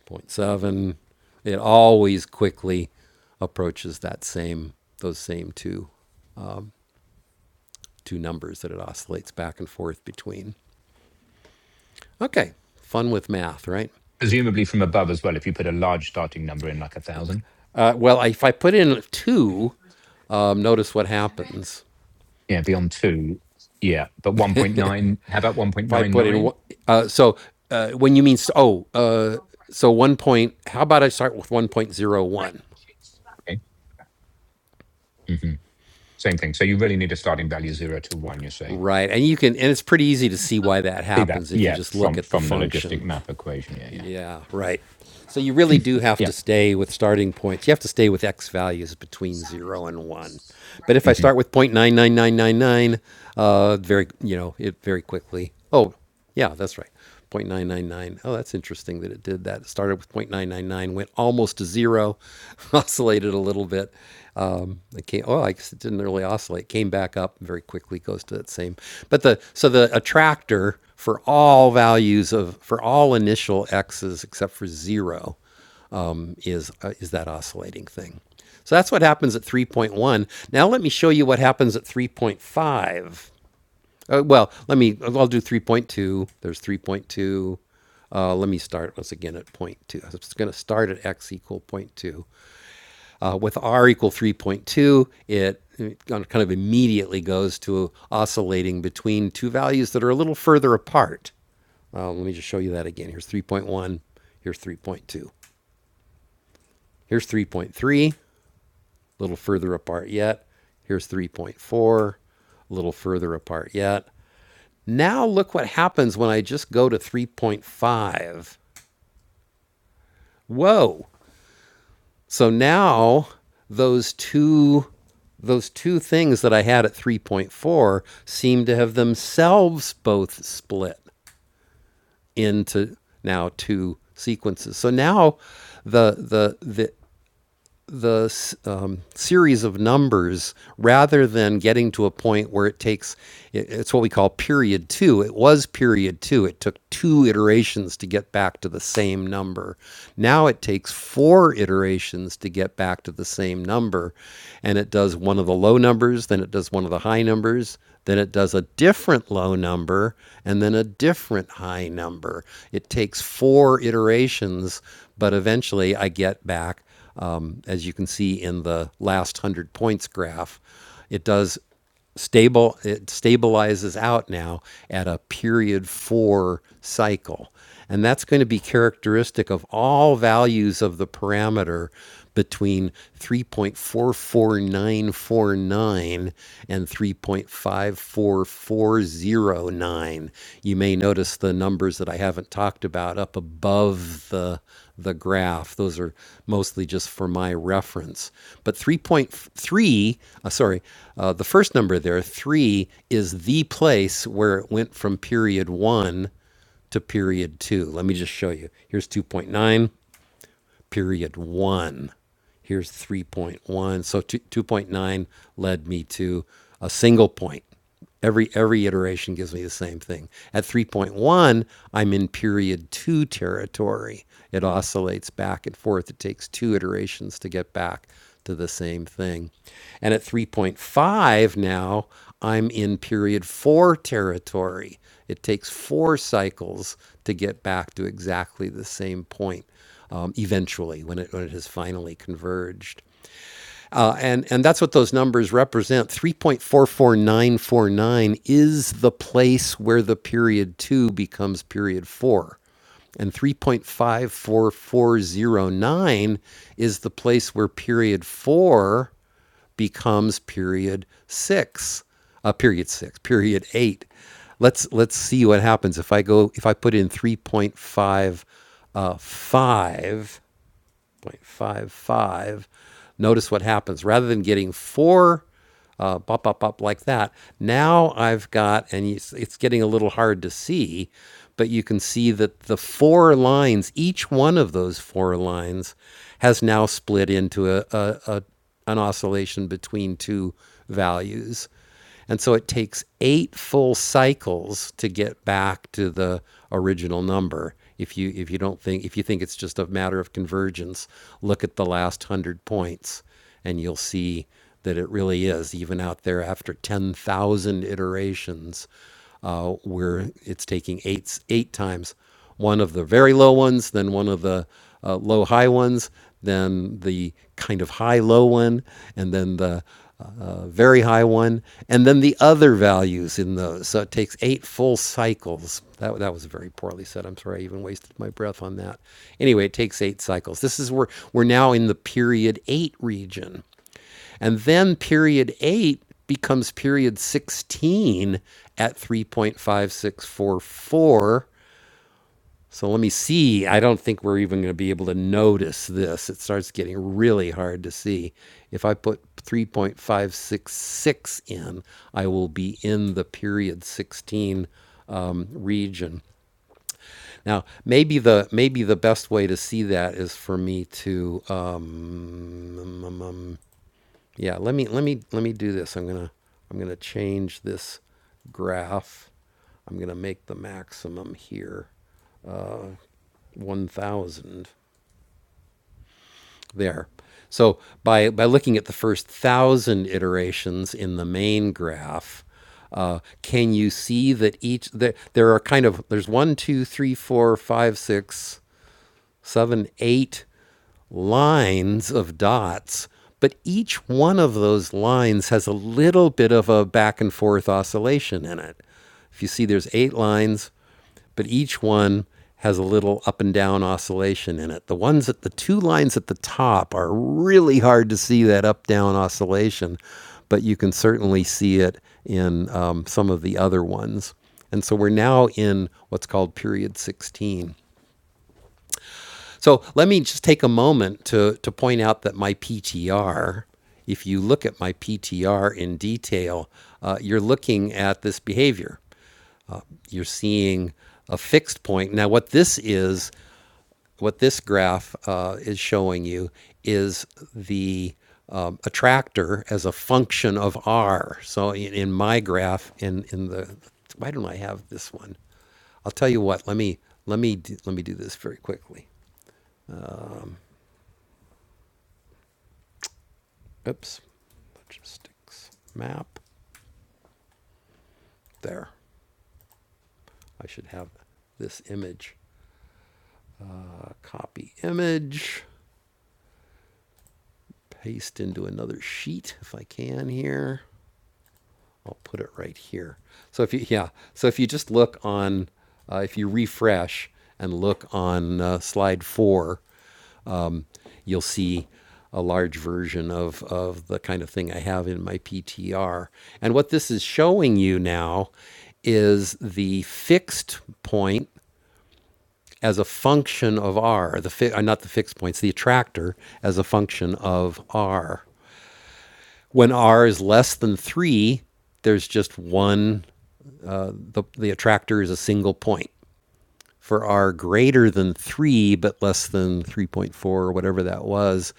Speaker 1: point 0.7. It always quickly approaches that same those same two two numbers that it oscillates back and forth between. Okay. Fun with math, right?
Speaker 5: presumably from above as well. If you put a large starting number in, like a thousand.
Speaker 1: Uh, well, if I put in two, um, notice what happens.
Speaker 5: Yeah, beyond two. Yeah, but 1.9, how about
Speaker 1: If I put in
Speaker 5: 1.99?
Speaker 1: uh, so uh, when you mean, oh, uh, so one point, how about I start with 1.01?
Speaker 5: Okay. hmm Same thing. So you really need a starting value zero to one, you're saying.
Speaker 1: Right. And you can, and it's pretty easy to see why that
Speaker 5: See that?
Speaker 1: happens if you
Speaker 5: Yeah,
Speaker 1: just look
Speaker 5: from
Speaker 1: at the
Speaker 5: from the logistic
Speaker 1: function.
Speaker 5: map equation. Yeah, yeah.
Speaker 1: Yeah, right. So you really do have to
Speaker 5: Yeah.
Speaker 1: stay with starting points. You have to stay with x values between zero and one. But if I
Speaker 5: hmm
Speaker 1: start with 0.99999, uh, very you know it very quickly. Oh, yeah, that's right. 0.999. Oh, that's interesting that it did that. It started with 0.999, went almost to zero, <laughs> oscillated a little bit. Um, it came, oh, I guess it didn't really oscillate. Came back up very quickly, goes to that same. But the so the attractor for all values of for all initial x's except for zero is uh, is that oscillating thing. So that's what happens at 3.1. Now let me show you what happens at 3.5. Uh, well, let me. I'll do 3.2. There's 3.2. Uh, let me start once again at zero point 0.2. I'm just going to start at x equal zero point 0.2. Uh, with R equal 3.2, it kind of immediately goes to oscillating between two values that are a little further apart. Uh, let me just show you that again. Here's 3.1, here's 3.2. Here's 3.3, a little further apart yet. Here's 3.4, a little further apart yet. Now look what happens when I just go to 3.5. Whoa, So now those two those two things that I had at 3.4 seem to have themselves both split into now two sequences. So now the the the the um, series of numbers rather than getting to a point where it takes it's what we call period two it was period two it took two iterations to get back to the same number now it takes four iterations to get back to the same number and it does one of the low numbers then it does one of the high numbers then it does a different low number and then a different high number it takes four iterations but eventually i get back um, as you can see in the last 100 points graph, it does stable it stabilizes out now at a period 4 cycle. And that's going to be characteristic of all values of the parameter between 3.44949 and 3.54409. You may notice the numbers that I haven't talked about up above the the graph. Those are mostly just for my reference. But 3.3, uh, sorry, uh, the first number there, 3, is the place where it went from period 1 to period 2. Let me just show you. Here's 2.9 period one. Here's 3.1. So 2.9 led me to a single point. Every, every iteration gives me the same thing. At 3.1, I'm in period two territory. It oscillates back and forth. It takes two iterations to get back to the same thing. And at 3.5 now, I'm in period four territory. It takes four cycles to get back to exactly the same point um, eventually when it, when it has finally converged. Uh, and, and that's what those numbers represent. 3.44949 is the place where the period 2 becomes period 4. And 3.54409 is the place where period 4 becomes period 6. Uh, period 6, period 8. Let's let's see what happens if I go if I put in three point five uh, 5. 0.55. Notice what happens. Rather than getting four uh, up, up, up like that, now I've got, and it's, getting a little hard to see, but you can see that the four lines, each one of those four lines, has now split into a, a, a, an oscillation between two values. And so it takes eight full cycles to get back to the original number. If you if you don't think if you think it's just a matter of convergence, look at the last hundred points, and you'll see that it really is even out there after ten thousand iterations, uh, where it's taking eight eight times one of the very low ones, then one of the uh, low high ones, then the kind of high low one, and then the uh, uh, very high one, and then the other values in those. So it takes eight full cycles. That, that was very poorly said. I'm sorry, I even wasted my breath on that. Anyway, it takes eight cycles. This is where we're now in the period eight region. And then period eight becomes period 16 at 3.5644 so let me see. I don't think we're even going to be able to notice this. It starts getting really hard to see. If I put 3.566 in, I will be in the period 16 um, region. Now, maybe the maybe the best way to see that is for me to um, um, um, um, yeah. Let me let me let me do this. I'm gonna I'm gonna change this graph. I'm going to make the maximum here 1,000. there. So by, by looking at the first thousand iterations in the main graph, uh, can you see that each that there are kind of there's one two three four five six seven eight lines of dots but each one of those lines has a little bit of a back and forth oscillation in it if you see there's eight lines but each one has a little up and down oscillation in it. The ones at the two lines at the top are really hard to see that up down oscillation, but you can certainly see it in um, some of the other ones. And so we're now in what's called period 16. So let me just take a moment to, to point out that my PTR, if you look at my PTR in detail, uh, you're looking at this behavior. You're seeing a fixed point. Now, what this is, What this graph uh, is showing you is the um, attractor as a function of r. So in, in my graph, in in the why don't I have this one? I'll tell you what. Let me let me do, let me do this very quickly. Oops, logistics map there. I should have this image. A copy image, paste into another sheet if I can here. I'll put it right here. So if you yeah, so if you just look on, uh, if you refresh and look on uh, slide four, you'll see a large version of of the kind of thing I have in my PTR. And what this is showing you now is the fixed point as a function of r, the fi- uh, not the fixed points, the attractor as a function of r. When r is less than three, there's just one the, the attractor is a single point for R greater than 3 but less than 3.4 or whatever that was,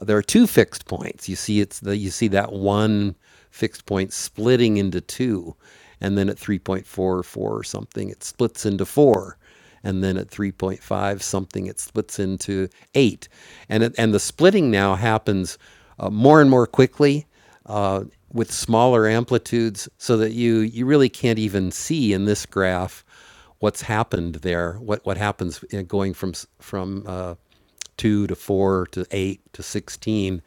Speaker 1: there are two fixed points. You see it's the, you see that one fixed point splitting into two and then at 3.4 or 4 four or something it splits into 4 and then at 3.5 something it splits into 8 and it, and the splitting now happens uh, more and more quickly uh, with smaller amplitudes so that you you really can't even see in this graph what's happened there, what what happens in going from from uh, two to four to eight to sixteen.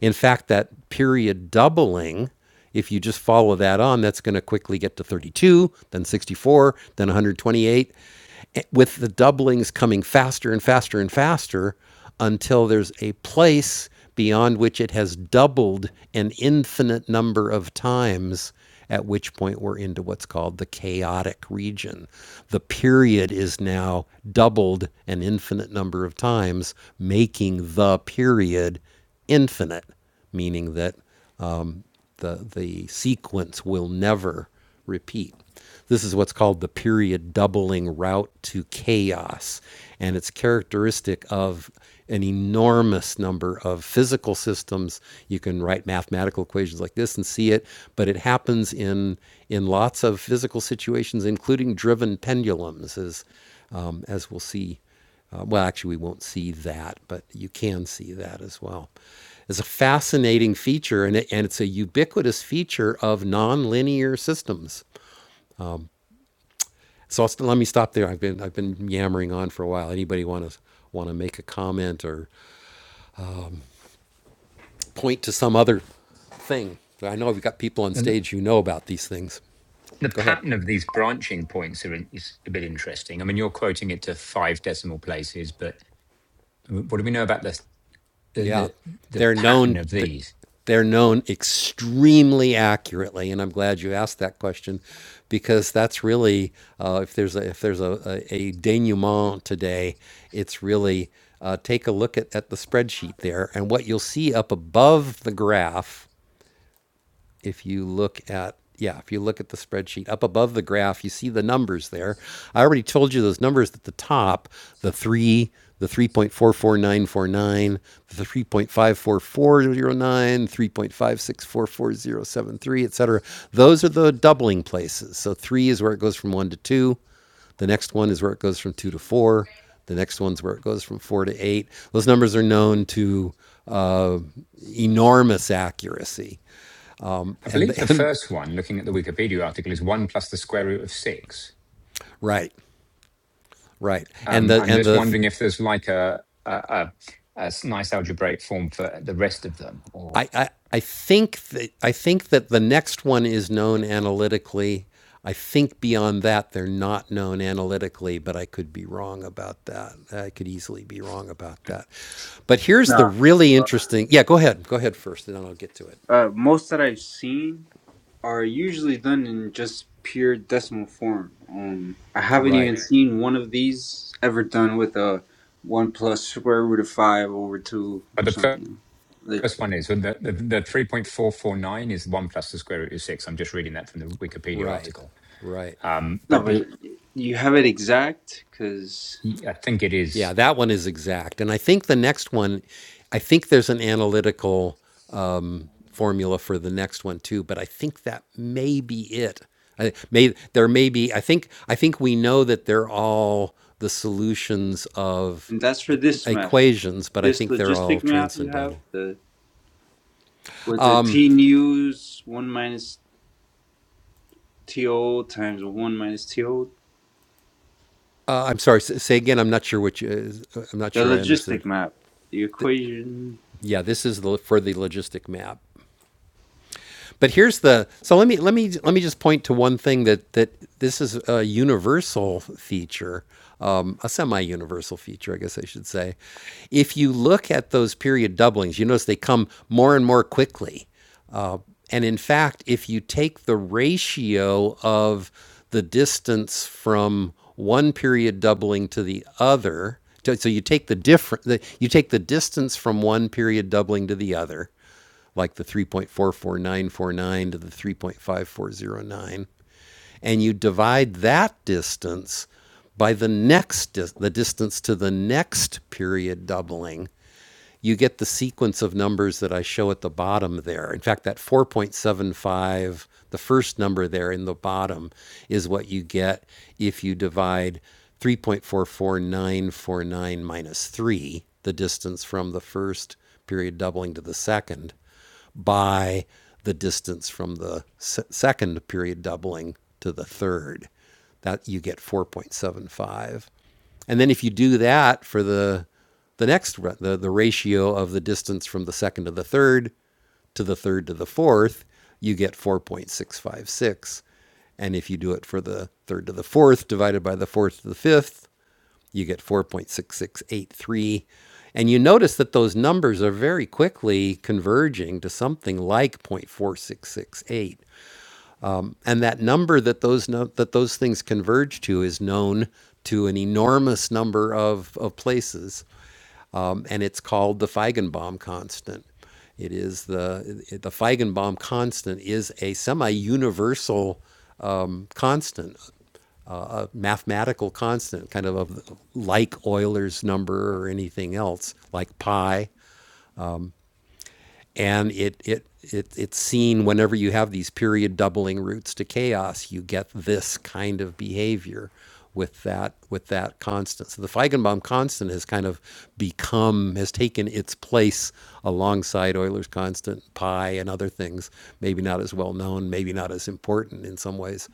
Speaker 1: In fact, that period doubling, if you just follow that on, that's going to quickly get to thirty-two, then sixty-four, then one hundred twenty-eight, Eh, with the doublings coming faster and faster and faster until there's a place beyond which it has doubled an infinite number of times, at which point we're into what's called the chaotic region. The period is now doubled an infinite number of times, making the period infinite, meaning that the, the sequence will never repeat. This is what's called the period doubling route to chaos, and it's characteristic of an enormous number of physical systems. You can write mathematical equations like this and see it, but it happens in in lots of physical situations, including driven pendulums, as um, as we'll see uh, well, actually, we won't see that, but you can see that as well. It's a fascinating feature, and, it, and it's a ubiquitous feature of nonlinear systems. So I'll let me stop there. I've been I've been yammering on for a while. Anybody want to want to make a comment or point to some other thing? I know we've got people on
Speaker 5: And the,
Speaker 1: stage who know about these things.
Speaker 5: the
Speaker 1: Go ahead.
Speaker 5: pattern of these branching points are in, is a bit interesting. I mean, you're quoting it to five decimal places, but what do we know about the the
Speaker 1: Yeah,
Speaker 5: the, the
Speaker 1: they're
Speaker 5: pattern
Speaker 1: known.
Speaker 5: of these?
Speaker 1: They're known extremely accurately, and I'm glad you asked that question, because that's really uh, if there's a, if there's a, a, a denouement today, it's really uh, take a look at, at the spreadsheet there, and what you'll see up above the graph if you look at yeah, if you look at the spreadsheet up above the graph, you see the numbers there. I already told you those numbers at the top, the 3, the three point four four nine four nine, the three point five four four zero nine, three point five six four four zero seven three, 3.564473, etc. Those are the doubling places. So 3 is where it goes from 1 to 2. The next one is where it goes from 2 to 4. The next one's where it goes from 4 to 8. Those numbers are known to uh, enormous accuracy
Speaker 5: I
Speaker 1: and
Speaker 5: believe
Speaker 1: the,
Speaker 5: the
Speaker 1: <laughs> and
Speaker 5: first one, looking at the Wikipedia article, is one plus the square root of six.
Speaker 1: right, right, and
Speaker 5: Um,
Speaker 1: the
Speaker 5: I'm
Speaker 1: and
Speaker 5: just
Speaker 1: the
Speaker 5: wondering if there's like a, a, a, a s- nice algebraic form for the rest of them. Or
Speaker 1: I I, I think that I think that the next one is known analytically. I think beyond that they're not known analytically, but I could be wrong about that. I could easily be wrong about that. But here's the
Speaker 7: Nah.
Speaker 1: really
Speaker 7: Uh,
Speaker 1: interesting. Yeah, go ahead. Go ahead first, and then I'll get to it.
Speaker 7: uh, most that I've seen are usually done in just pure decimal form. Um, I haven't
Speaker 1: Right,
Speaker 7: even seen one of these ever done with a one plus square root of five over two
Speaker 5: but
Speaker 7: or
Speaker 5: the fir-
Speaker 7: something. Like
Speaker 5: first one is so the, the, the 3.449 is 1 plus the square root of 6. I'm just reading that from the Wikipedia
Speaker 1: right,
Speaker 5: article.
Speaker 1: right.
Speaker 5: Um,
Speaker 7: no,
Speaker 5: but the
Speaker 7: but you have it exact because,
Speaker 5: I think it
Speaker 1: Yeah,
Speaker 5: is.
Speaker 1: that one is exact, and I think the next one, I think there's an analytical formula for the next one too. But I think that may be it. I, may there may be. I think I think we know that they're all the solutions of
Speaker 7: and that's for
Speaker 1: uh,
Speaker 7: this map.
Speaker 1: equations, but I
Speaker 7: This
Speaker 1: think they're all
Speaker 7: logistic map you have
Speaker 1: transcendental.
Speaker 7: the with the t news one minus TO times 1 minus TO.
Speaker 1: Uh, I'm sorry. Say again. I'm not sure what you. I'm not
Speaker 7: The
Speaker 1: sure I understood.
Speaker 7: logistic map. The equation.
Speaker 1: Yeah, this is the, for the logistic map. But here's the so let me let me let me just point to one thing that that this is a universal feature, um, a semi-universal feature, I guess I should say. If you look at those period doublings, you notice they come more and more quickly. Uh, and in fact, if you take the ratio of the distance from one period doubling to the other, so so you take the different, the, you take the distance from one period doubling to the other, like the 3.44949 to the 3.5409 and you divide that distance by the next the distance to the next period doubling you get the sequence of numbers that I show at the bottom there. In fact, that 4.75, the first number there in the bottom, is what you get if you divide 3.44949 minus 3, the distance from the first period doubling to the second, by the distance from the se- second period doubling to the third. That you get 4.75. And then if you do that for the the next the the ratio of the distance from the second to the third to the third to the fourth, you get 4.656. And if you do it for the third to the fourth divided by the fourth to the fifth, you get 4.6683. And you notice that those numbers are very quickly converging to something like 0.4668 and that number that those no, that those things converge to is known to an enormous number of, of places um, and it's called the feigenbaum constant it is the the feigenbaum constant is a semi-universal um, constant uh, a mathematical constant kind of, of like euler's number or anything else like pi and it it it it's seen whenever you have these period doubling roots to chaos, you get this kind of behavior with that with that constant. So the Feigenbaum constant has kind of become has taken its place alongside Euler's constant, pi, and other things. Maybe not as well known, maybe not as important in some ways,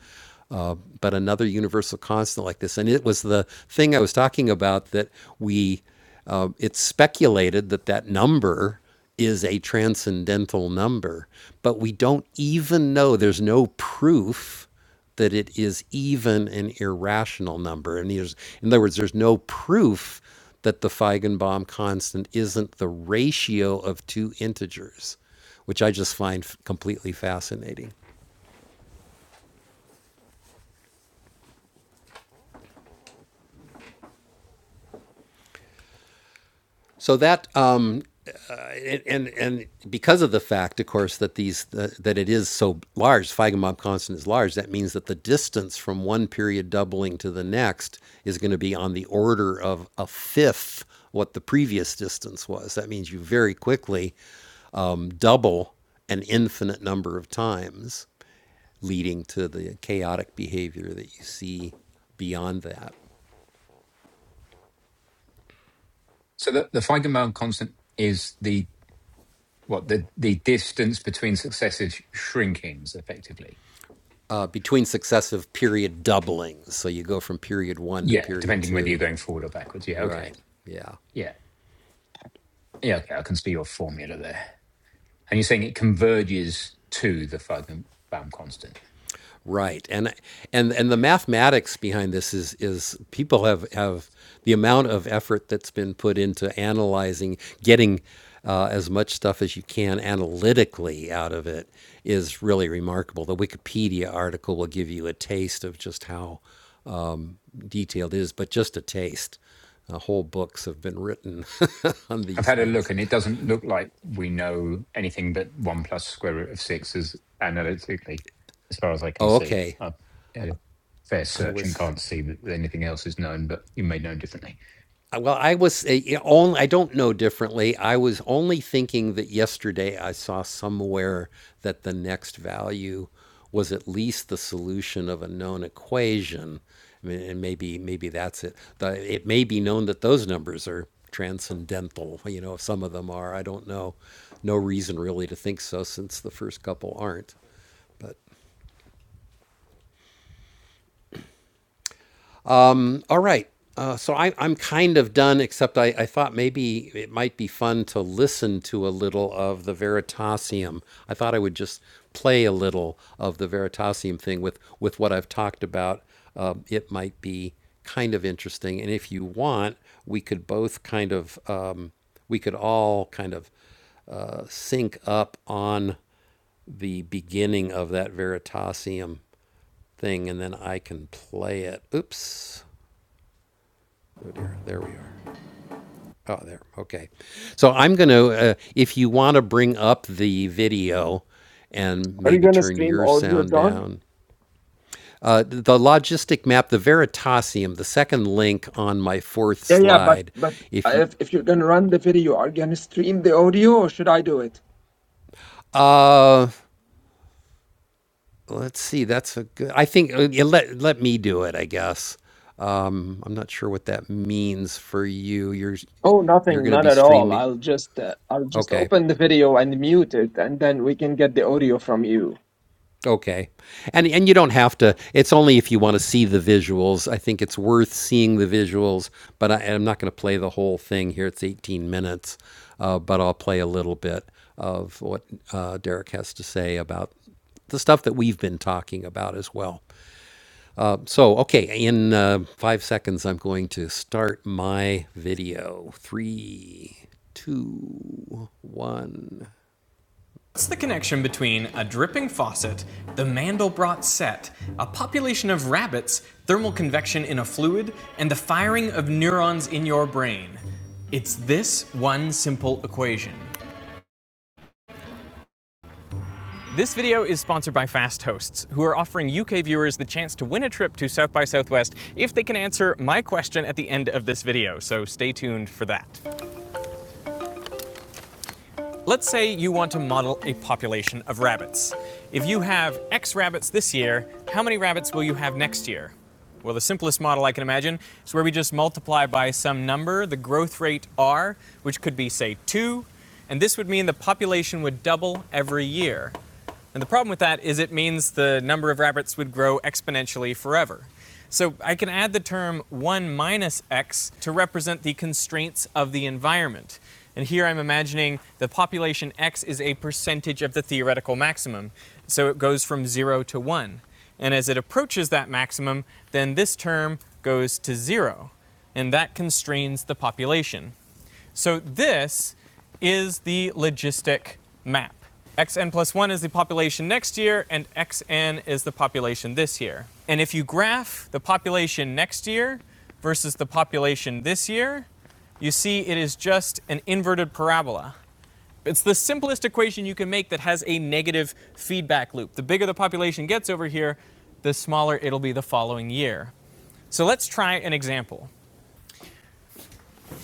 Speaker 1: but another universal constant like this. And it was the thing I was talking about that we, uh, it's speculated that that number is a transcendental number, but we don't even know, there's no proof that it is even an irrational number. And there's, in other words, there's no proof that the Feigenbaum constant isn't the ratio of two integers, which I just find f- completely fascinating. So that um, and, and and because of the fact, of course, that these that that it is so large, Feigenbaum constant is large. That means that the distance from one period doubling to the next is going to be on the order of a fifth what the previous distance was. That means you very quickly um, double an infinite number of times, leading to the chaotic behavior that you see beyond that.
Speaker 5: So the, the Feigenbaum constant is the what the, the distance between successive shrinkings, effectively.
Speaker 1: Uh, between successive period doublings, so you go from period one to
Speaker 5: Yeah,
Speaker 1: period
Speaker 5: depending whether you're
Speaker 1: two.
Speaker 5: going forward or backwards. Yeah, okay.
Speaker 1: Right. Yeah.
Speaker 5: Yeah, yeah, okay. I can see your formula there. And you're saying it converges to the Feigenbaum constant.
Speaker 1: Right. And and and the mathematics behind this is is people have have the amount of effort that's been put into analyzing, getting uh, as much stuff as you can analytically out of it is really remarkable. The Wikipedia article will give you a taste of just how detailed it is, but just a taste. Uh, whole books have been written <laughs> on
Speaker 5: I've
Speaker 1: these
Speaker 5: had a look
Speaker 1: things.
Speaker 5: and it doesn't look like we know anything but 1 plus square root of 6 is analytically, as far as I can
Speaker 1: Oh,
Speaker 5: see.
Speaker 1: okay.
Speaker 5: I've had a fair
Speaker 1: I
Speaker 5: search and
Speaker 1: was
Speaker 5: can't see that anything else is known, but you may know differently.
Speaker 1: Well, I was uh, yeah, only, I don't know differently. I was only thinking that yesterday I saw somewhere that the next value was at least the solution of a known equation. I mean, and maybe, maybe that's it. The, it may be known that those numbers are transcendental. You know, if some of them are, I don't know. No reason really to think so since the first couple aren't. All right. Uh, so I, I'm kind of done, except I, I thought maybe it might be fun to listen to a little of the Veritasium. I thought I would just play a little of the Veritasium thing with, with what I've talked about. Um, it might be kind of interesting. And if you want, we could both kind of, um, we could all kind of uh, sync up on the beginning of that Veritasium thing, and then I can play it. Oops. Oh dear. There we are. Oh, there. Okay. So I'm going to, uh, if you want to bring up the video and
Speaker 2: Are you
Speaker 1: maybe
Speaker 2: gonna
Speaker 1: turn
Speaker 2: scream
Speaker 1: your
Speaker 2: audio,
Speaker 1: sound
Speaker 2: John?
Speaker 1: down. Uh, the logistic map, the Veritasium, the second link on my fourth
Speaker 2: Yeah, yeah, but
Speaker 1: slide.
Speaker 2: but
Speaker 1: If you,
Speaker 2: if if you're gonna run the video, are you gonna stream the audio or should I do it?
Speaker 1: uh, let's see, that's a good, I think, uh, yeah, let, let me do it, I guess. Um, I'm not sure what that means for you. You're,
Speaker 2: Oh,
Speaker 1: you're
Speaker 2: nothing,
Speaker 1: going to
Speaker 2: not
Speaker 1: be
Speaker 2: at all.
Speaker 1: streaming.
Speaker 2: I'll just uh, I'll just
Speaker 1: Okay.
Speaker 2: open the video and mute it, and then we can get the audio from you.
Speaker 1: Okay. And and you don't have to it's only if you want to see the visuals. I think it's worth seeing the visuals, but I, I'm not going to play the whole thing here. It's 18 minutes, uh, but I'll play a little bit of what uh, Derek has to say about the stuff that we've been talking about as well. Uh, so, okay, in uh, five seconds, I'm going to start my video. Three, two, one. What's the connection between a dripping faucet, the Mandelbrot set, a population of rabbits, thermal convection in a fluid, and the firing of neurons in your brain? It's this one simple equation. This video is sponsored by Fast Hosts, who are offering UK viewers the chance to win a trip to South by Southwest if they can answer my question at the end of this video, so stay tuned for that. Let's say you want to model a population of rabbits. If you have X rabbits this year, how many rabbits will you have next year? Well, the simplest model I can imagine is where we just multiply by some number, the growth rate r, which could be, say, 2, and this would mean the population would double every year. And the problem with that is it means the number of rabbits would grow exponentially forever. So I can add the term 1 minus x to represent the constraints of the environment. And here I'm imagining the population x is a percentage of the theoretical maximum. So it goes from 0 to 1. And as it approaches that maximum, then this term goes to 0. And that constrains the population. So this is the logistic map. xn plus 1 is the population next year, and xn is the population this year. And if you graph the population next year versus the population this year, you see it is just an inverted parabola. It's the simplest equation you can make that has a negative feedback loop. The bigger the population gets over here, the smaller it'll be the following year. So let's try an example.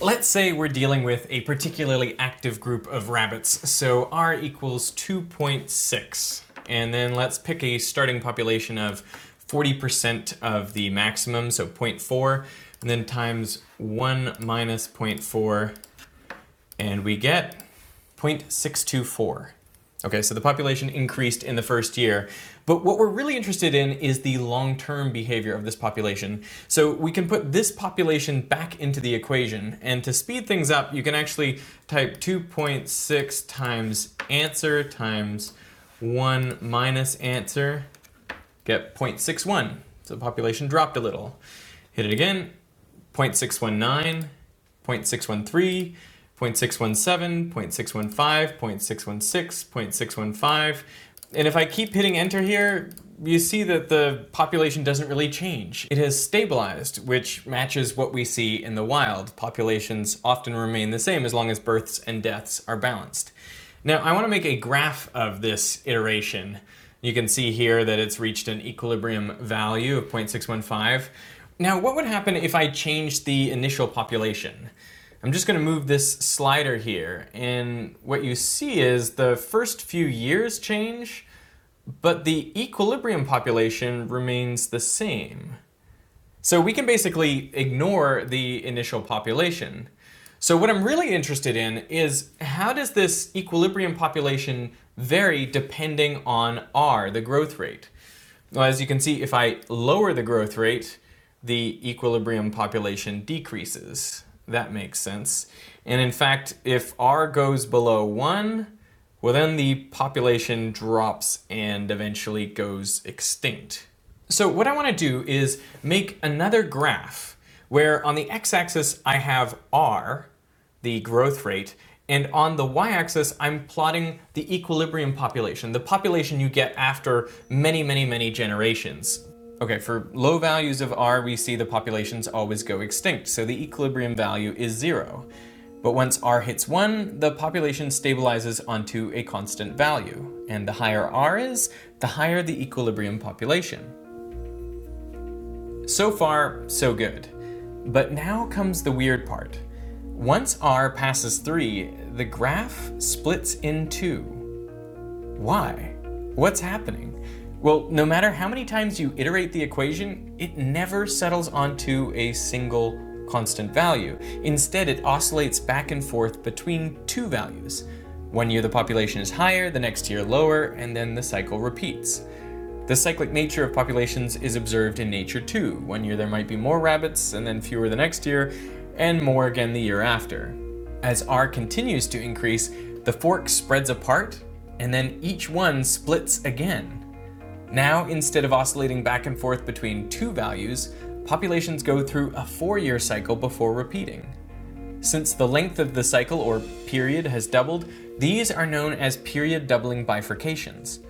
Speaker 1: Let's say we're dealing with a particularly active group of rabbits, so r equals 2.6. And then let's pick a starting population of 40% of the maximum, so zero point 0.4, and then times 1 minus zero point 0.4, and we get 0.624. Okay, so the population increased in the first year. But what we're really interested in is the long term behavior of this population. So we can put this population back into the equation. And to speed things up, you can actually type 2.6 times answer times 1 minus answer, get 0.61. So the population dropped a little. Hit it again, 0.619, 0.613, 0.617, 0.615, 0.616, 0.615. And if I keep hitting enter here, you see that the population doesn't really change. It has stabilized, which matches what we see in the wild. Populations often remain the same as long as births and deaths are balanced. Now, I want to make a graph of this iteration. You can see here that it's reached an equilibrium value of 0.615. Now, what would happen if I changed the initial population? I'm just going to move this slider here, and what you see is the first few years change, but the equilibrium population remains the same. So we can basically ignore the initial population. So what I'm really interested in is how does this equilibrium population vary depending on R, the growth rate? Well, as you can see, if I lower the growth rate, the equilibrium population decreases. That makes sense. And in fact, if R goes below 1, well, then the population drops and eventually goes extinct. So, what I want to do is make another graph where on the x axis I have R the growth rate. And on the y axis, I'm plotting the equilibrium population, the population you get after many, many, many generations. Okay, for low values of r, we see the populations always go extinct, so the equilibrium value is zero. But once r hits one, the population stabilizes onto a constant value. And the higher r is, the higher the equilibrium population. So far, so good. But now comes the weird part. Once r passes 3, the graph splits in two. Why? What's happening? Well, no matter how many times you iterate the equation, it never settles onto a single constant value. Instead, it oscillates back and forth between two values. One year the population is higher, the next year lower, and then the cycle repeats. The cyclic nature of populations is observed in nature too. One year there might be more rabbits, and then fewer the next year, and more again the year after. As R continues to increase, the fork spreads apart, and then each one splits again. Now, instead of oscillating back and forth between two values, populations go through a four year cycle before repeating. Since the length of the cycle or period has doubled, these are known as period doubling bifurcations.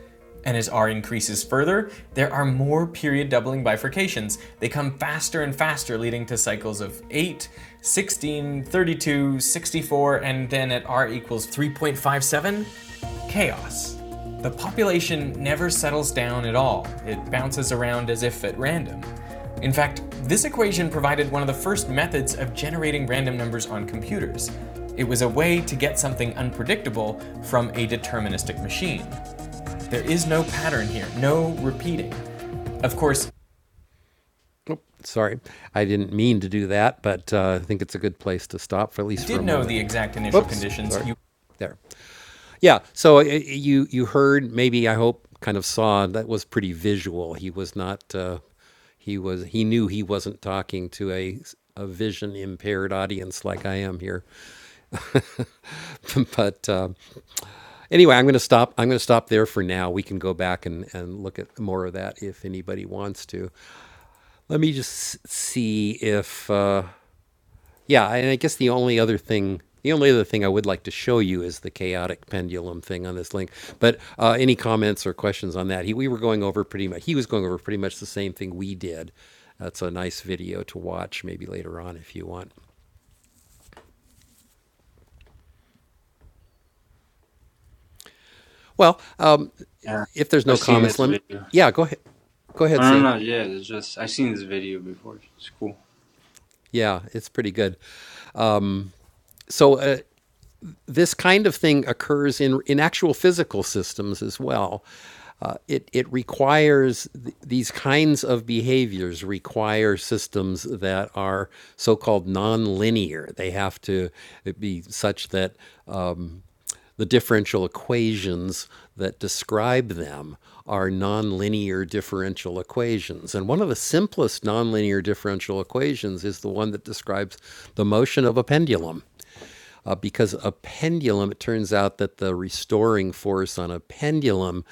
Speaker 1: And as R increases further, there are more period doubling bifurcations. They come faster and faster, leading to cycles of 8, 16, 32, 64, and then at R equals 3.57, chaos. The population never settles down at all, it bounces around as if at random. In fact, this equation provided one of the first methods of generating random numbers on computers. It was a way to get something unpredictable from a deterministic machine. There is no pattern here, no repeating. Of course, Sorry, I didn't mean to do that, but uh, I think it's a good place to stop for at least. you did know the exact initial Whoops, conditions. You there. Yeah. So uh, you you heard maybe I hope kind of saw that was pretty visual. He was not. Uh, he was. He knew he wasn't talking to a a vision impaired audience like I am here. <laughs> but uh, anyway, I'm going to stop. I'm going to stop there for now. We can go back and and look at more of that if anybody wants to. Let me just see if uh, yeah, and I guess the only other thing the only other thing I would like to show you is the chaotic pendulum thing on this link. But uh, any comments or questions on that? He we were going over pretty much he was going over pretty much the same thing we did. That's a nice video to watch maybe later on if you want. Well, um,
Speaker 7: Yeah.
Speaker 1: if there's no
Speaker 7: I've seen
Speaker 1: comments,
Speaker 7: this
Speaker 1: let me
Speaker 7: video.
Speaker 1: yeah, go ahead. Go ahead,
Speaker 7: I don't
Speaker 1: Sam.
Speaker 7: know. Yeah, it's just I've seen this video before. It's cool.
Speaker 1: Yeah, it's pretty good. So uh, this kind of thing occurs in, in actual physical systems as well. Uh, it, it requires th- these kinds of behaviors require systems that are so-called nonlinear. They have to be such that um, the differential equations that describe them are nonlinear differential equations. And one of the simplest nonlinear differential equations is the one that describes the motion of a pendulum uh, because a pendulum, it turns out that the restoring force on a pendulum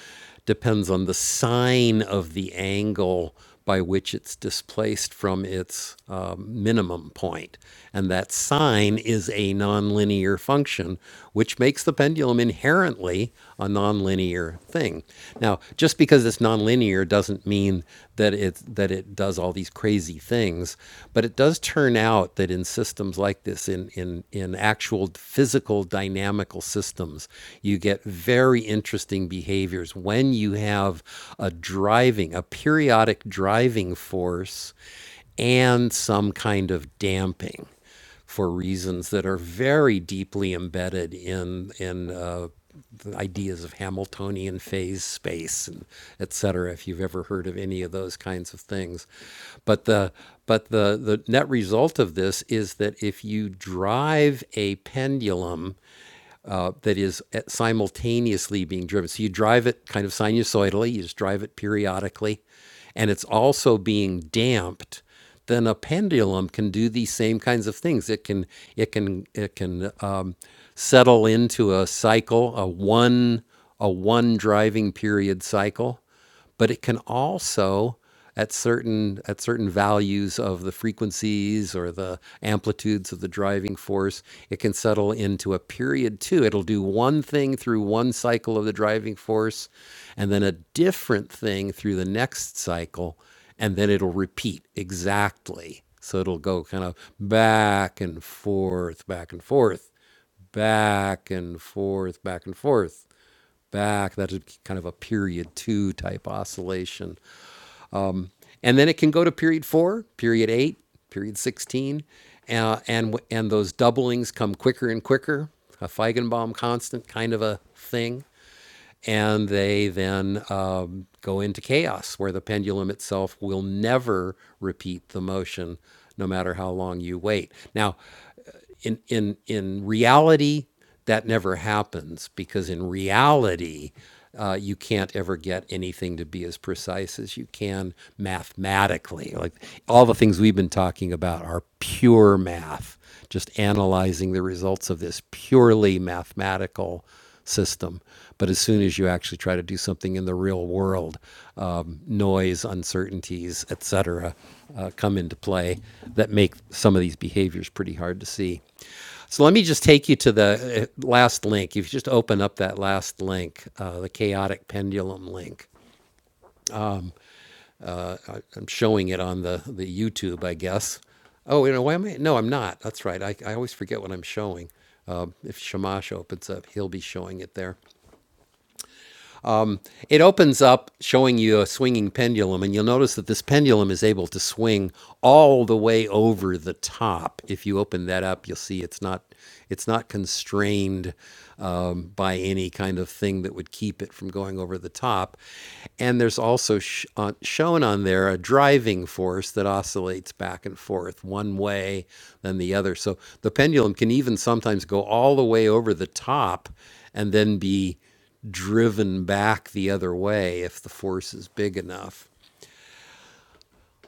Speaker 1: depends on the sine of the angle by which it's displaced from its um, minimum point. And that sine is a nonlinear function, which makes the pendulum inherently a nonlinear thing. Now, just because it's nonlinear doesn't mean that it that it does all these crazy things, but it does turn out that in systems like this, in in in actual physical dynamical systems, you get very interesting behaviors when you have a driving, a periodic driving force, and some kind of damping for reasons that are very deeply embedded in in uh, the ideas of Hamiltonian phase space and et cetera, if you've ever heard of any of those kinds of things. But the but the, the net result of this is that if you drive a pendulum that is eh, simultaneously being driven. So you drive it kind of sinusoidally, you just drive it periodically, and it's also being damped. Then a pendulum can do these same kinds of things. It can it can it can um, settle into a cycle, a one a one driving period cycle but it can also at certain at certain values of the frequencies or the amplitudes of the driving force it can settle into a period two it'll do one thing through one cycle of the driving force and then a different thing through the next cycle and then it'll repeat exactly so it'll go kind of back and forth back and forth back and forth back and forth back. That's kind of a period two type oscillation. And then it can go to period four, period eight, period 16. Uh, and, and those doublings come quicker and quicker, a Feigenbaum constant kind of a thing. And they then um, go into chaos where the pendulum itself will never repeat the motion no matter how long you wait. Now, in in in reality that never happens because in reality uh, you can't ever get anything to be as precise as you can mathematically like all the things we've been talking about are pure math just analyzing the results of this purely mathematical system but as soon as you actually try to do something in the real world um, noise uncertainties etc uh, come into play that make some of these behaviors pretty hard to see so let me just take you to the uh, last link. If you just open up that last link, uh, the chaotic pendulum link. I'm showing it on the, the YouTube, I guess. Oh, you know, why am I? No, I'm not. That's right. I, I always forget what I'm showing. Uh, if Shamash opens up, he'll be showing it there. It opens up showing you a swinging pendulum, and you'll notice that this pendulum is able to swing all the way over the top. If you open that up, you'll see it's not it's not constrained um, by any kind of thing that would keep it from going over the top. And there's also sh- on, shown on there a driving force that oscillates back and forth one way, then the other. So the pendulum can even sometimes go all the way over the top and then be driven back the other way if the force is big enough.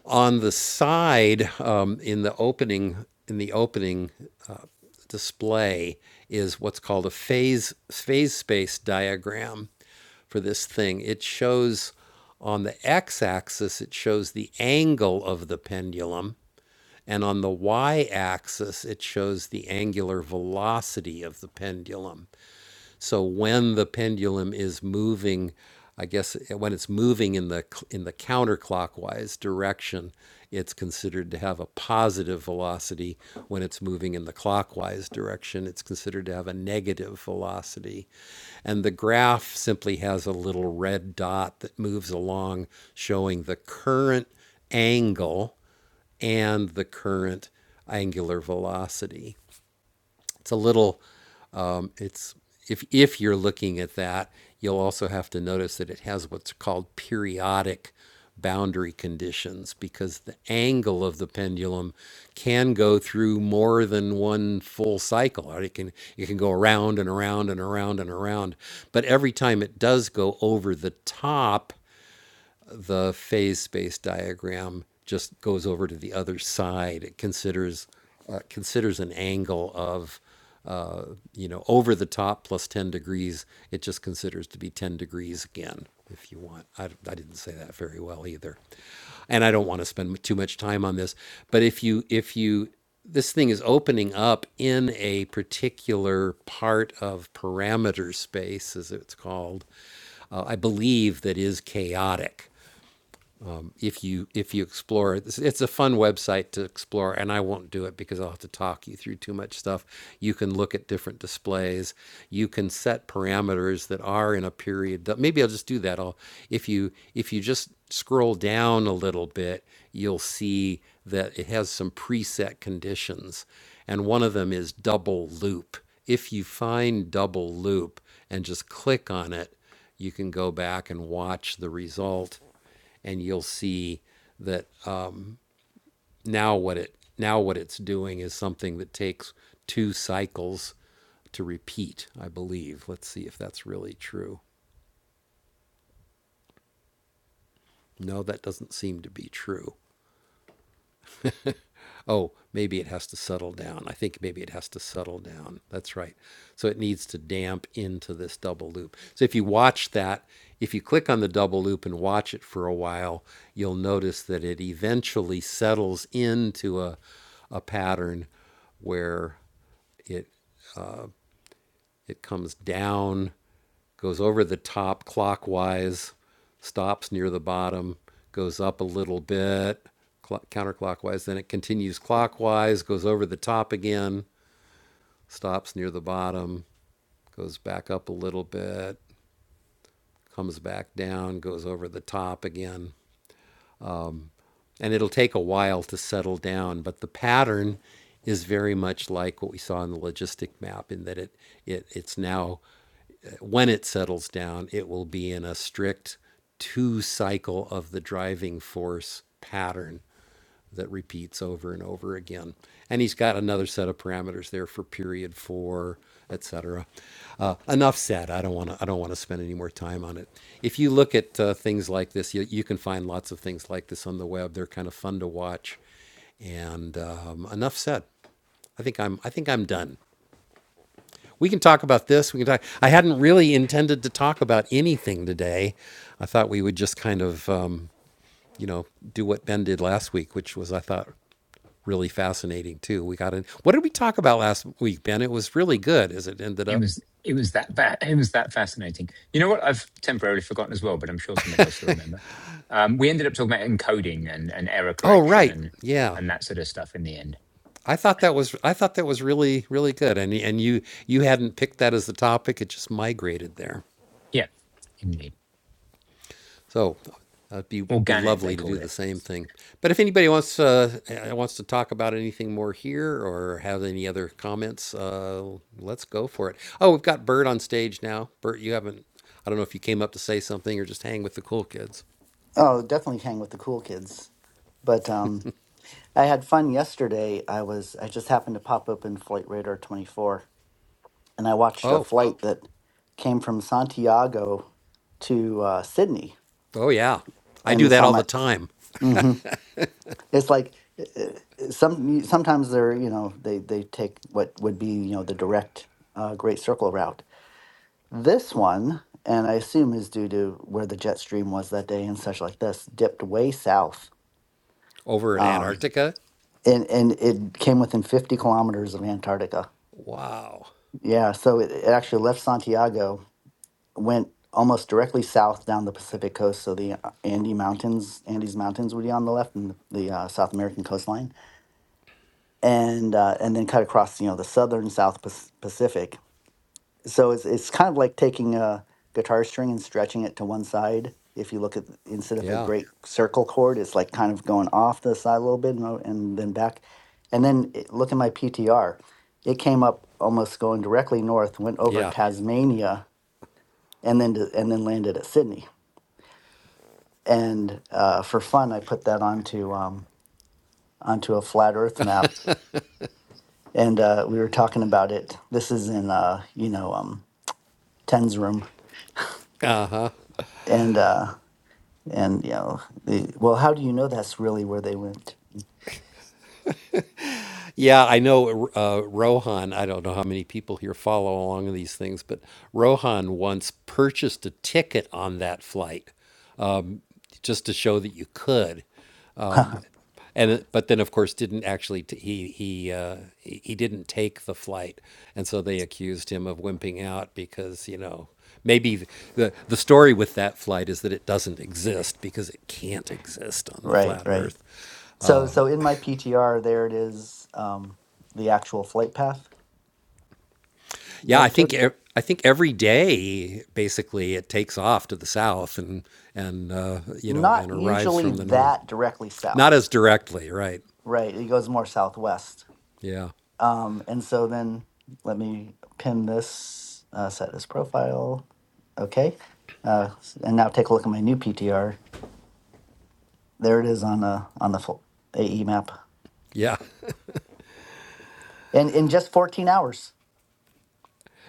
Speaker 1: On the side, um, in the opening, in the opening display, is what's called a phase phase space diagram for this thing. It shows on the x-axis it shows the angle of the pendulum, and on the y-axis it shows the angular velocity of the pendulum. So when the pendulum is moving, I guess eh, when it's moving in the in the counterclockwise direction, it's considered to have a positive velocity. When it's moving in the clockwise direction, it's considered to have a negative velocity. And the graph simply has a little red dot that moves along showing the current angle and the current angular velocity. It's a little um, It's if if you're looking at that, you'll also have to notice that it has what's called periodic boundary conditions because the angle of the pendulum can go through more than one full cycle or it can it can go around and around and around and around but every time it does go over the top the phase space diagram just goes over to the other side. It considers uh, considers an angle of uh, you know over the top plus 10 degrees. It just considers to be 10 degrees again. If you want, I, I didn't say that very well either, and I don't want to spend too much time on this. But if you if you this thing is opening up in a particular part of parameter space, as it's called, uh, I believe that is chaotic if you if you explore It's- a fun website to explore, and I won't do it because I'll have to talk you through too much stuff. You can look at different displays. You can set parameters that are in a period. Maybe I'll just do that. I'll if you if you just scroll down a little bit, you'll see that it has some preset conditions, and one of them is double loop. If you find double loop and just click on it, you can go back and watch the result and you'll see that uh, now what it now what it's doing is something that takes two cycles to repeat. I believe. Let's see if that's really true. No, that doesn't seem to be true. Oh, maybe it has to settle down. I think maybe it has to settle down. That's right. So it needs to damp into this double loop. So if you watch that, if you click on the double loop and watch it for a while, you'll notice that it eventually settles into a, a pattern where it it comes down goes over the top clockwise, stops near the bottom, goes up a little bit cl- counterclockwise, then it continues clockwise, goes over the top again, stops near the bottom, goes back up a little bit, comes back down, goes over the top again. And it'll take a while to settle down, but the pattern is very much like what we saw in the logistic map in that it, it it's now When it settles down, it will be in a strict two cycle of the driving force pattern that repeats over and over again. And he's got another set of parameters there for period four, etc. Uh, enough said. I don't want to. I don't want to spend any more time on it. If you look at uh, things like this, you, you can find lots of things like this on the web. They're kind of fun to watch. And um, enough said. I think I'm. I think I'm done we can talk about this. We can talk. I hadn't really intended to talk about anything today. I thought we would just kind of, um, you know, do what Ben did last week, which was I thought really fascinating too. We got in. What did we talk about last week, Ben? It was really good as it ended
Speaker 5: It
Speaker 1: up.
Speaker 5: was it was that fa- it was that fascinating. You know what? I've temporarily forgotten as well, but I'm sure somebody else will remember. Um, we ended up talking about encoding and, and error
Speaker 1: Oh,
Speaker 5: correction
Speaker 1: right.
Speaker 5: and
Speaker 1: Yeah.
Speaker 5: and that sort of stuff in the end.
Speaker 1: I thought that was I thought that was really really good, and and you you hadn't picked that as the topic. It just migrated there.
Speaker 5: Yeah, indeed.
Speaker 1: So it'd be be
Speaker 5: Organic, they
Speaker 1: lovely to
Speaker 5: call
Speaker 1: do the
Speaker 5: it
Speaker 1: same thing. But if anybody wants uh, uh, wants to talk about anything more here or have any other comments, uh, let's go for it. Oh, we've got Bert on stage now. Bert, you haven't. I don't know if you came up to say something or just hang with the cool kids.
Speaker 8: Oh, definitely hang with the cool kids. But um, I had fun yesterday. I was I just happened to pop up in Flight Radar 24, and I watched a
Speaker 1: Oh,
Speaker 8: flight that came from Santiago to uh, Sydney,
Speaker 1: oh yeah, I
Speaker 8: and
Speaker 1: do
Speaker 8: it's
Speaker 1: that
Speaker 8: on
Speaker 1: all the
Speaker 8: my.
Speaker 1: time
Speaker 8: hmm It's like uh, uh, some sometimes they're you know they they take what would be you know the direct uh, Great Circle route. This one, and I assume is due to where the jet stream was that day and such like this, dipped way south.
Speaker 1: over at
Speaker 8: Um,
Speaker 1: Antarctica.
Speaker 8: and and it came within 50 kilometers of Antarctica.
Speaker 1: Wow.
Speaker 8: Yeah, so it, it actually left Santiago, went almost directly south down the Pacific coast. So the uh, Andy Mountains, Andes Mountains would be on the left, and the, the uh, South American coastline, and uh, and then cut across, you know, the southern South Pac- Pacific, so it's it's kind of like taking a guitar string and stretching it to one side. If you look at instead of a
Speaker 1: Yeah.
Speaker 8: great circle chord, it's like kind of going off the side a little bit and, o- and then back. And then it, look at my PTR. It came up almost going directly north, went over
Speaker 1: Yeah.
Speaker 8: Tasmania, and then to, and then landed at Sydney. And uh, for fun, I put that onto um, onto a flat Earth map, and uh, we were talking about it. This is in uh, you know um, Ten's room,
Speaker 1: Uh huh.
Speaker 8: and. Uh, and you know the, well how do you know that's really where they went
Speaker 1: Yeah, I know uh, Rohan. I don't know how many people here follow along in these things, but Rohan once purchased a ticket on that flight just to show that you could. And it- but then, of course, didn't actually t- he he uh, he he didn't take the flight, and so they accused him of wimping out because you know maybe th- the the story with that flight is that it doesn't exist because it can't exist on the
Speaker 8: right
Speaker 1: flat
Speaker 8: right
Speaker 1: Earth.
Speaker 8: so so in my ptr there it is um, the actual flight path
Speaker 1: Yeah,
Speaker 8: that
Speaker 1: I
Speaker 8: it took
Speaker 1: think e- I think every day basically it takes off to the south and and uh, you know
Speaker 8: not
Speaker 1: and arrives
Speaker 8: usually
Speaker 1: from the north.
Speaker 8: that directly
Speaker 1: Not
Speaker 8: south
Speaker 1: as directly, right?
Speaker 8: right it goes more southwest
Speaker 1: Yeah,
Speaker 8: um, and so then let me pin this uh, set as profile okay uh, s- and now take a look at my new ptr there it is on the on the full ae map
Speaker 1: yeah. <laughs>
Speaker 8: and in just 14 hours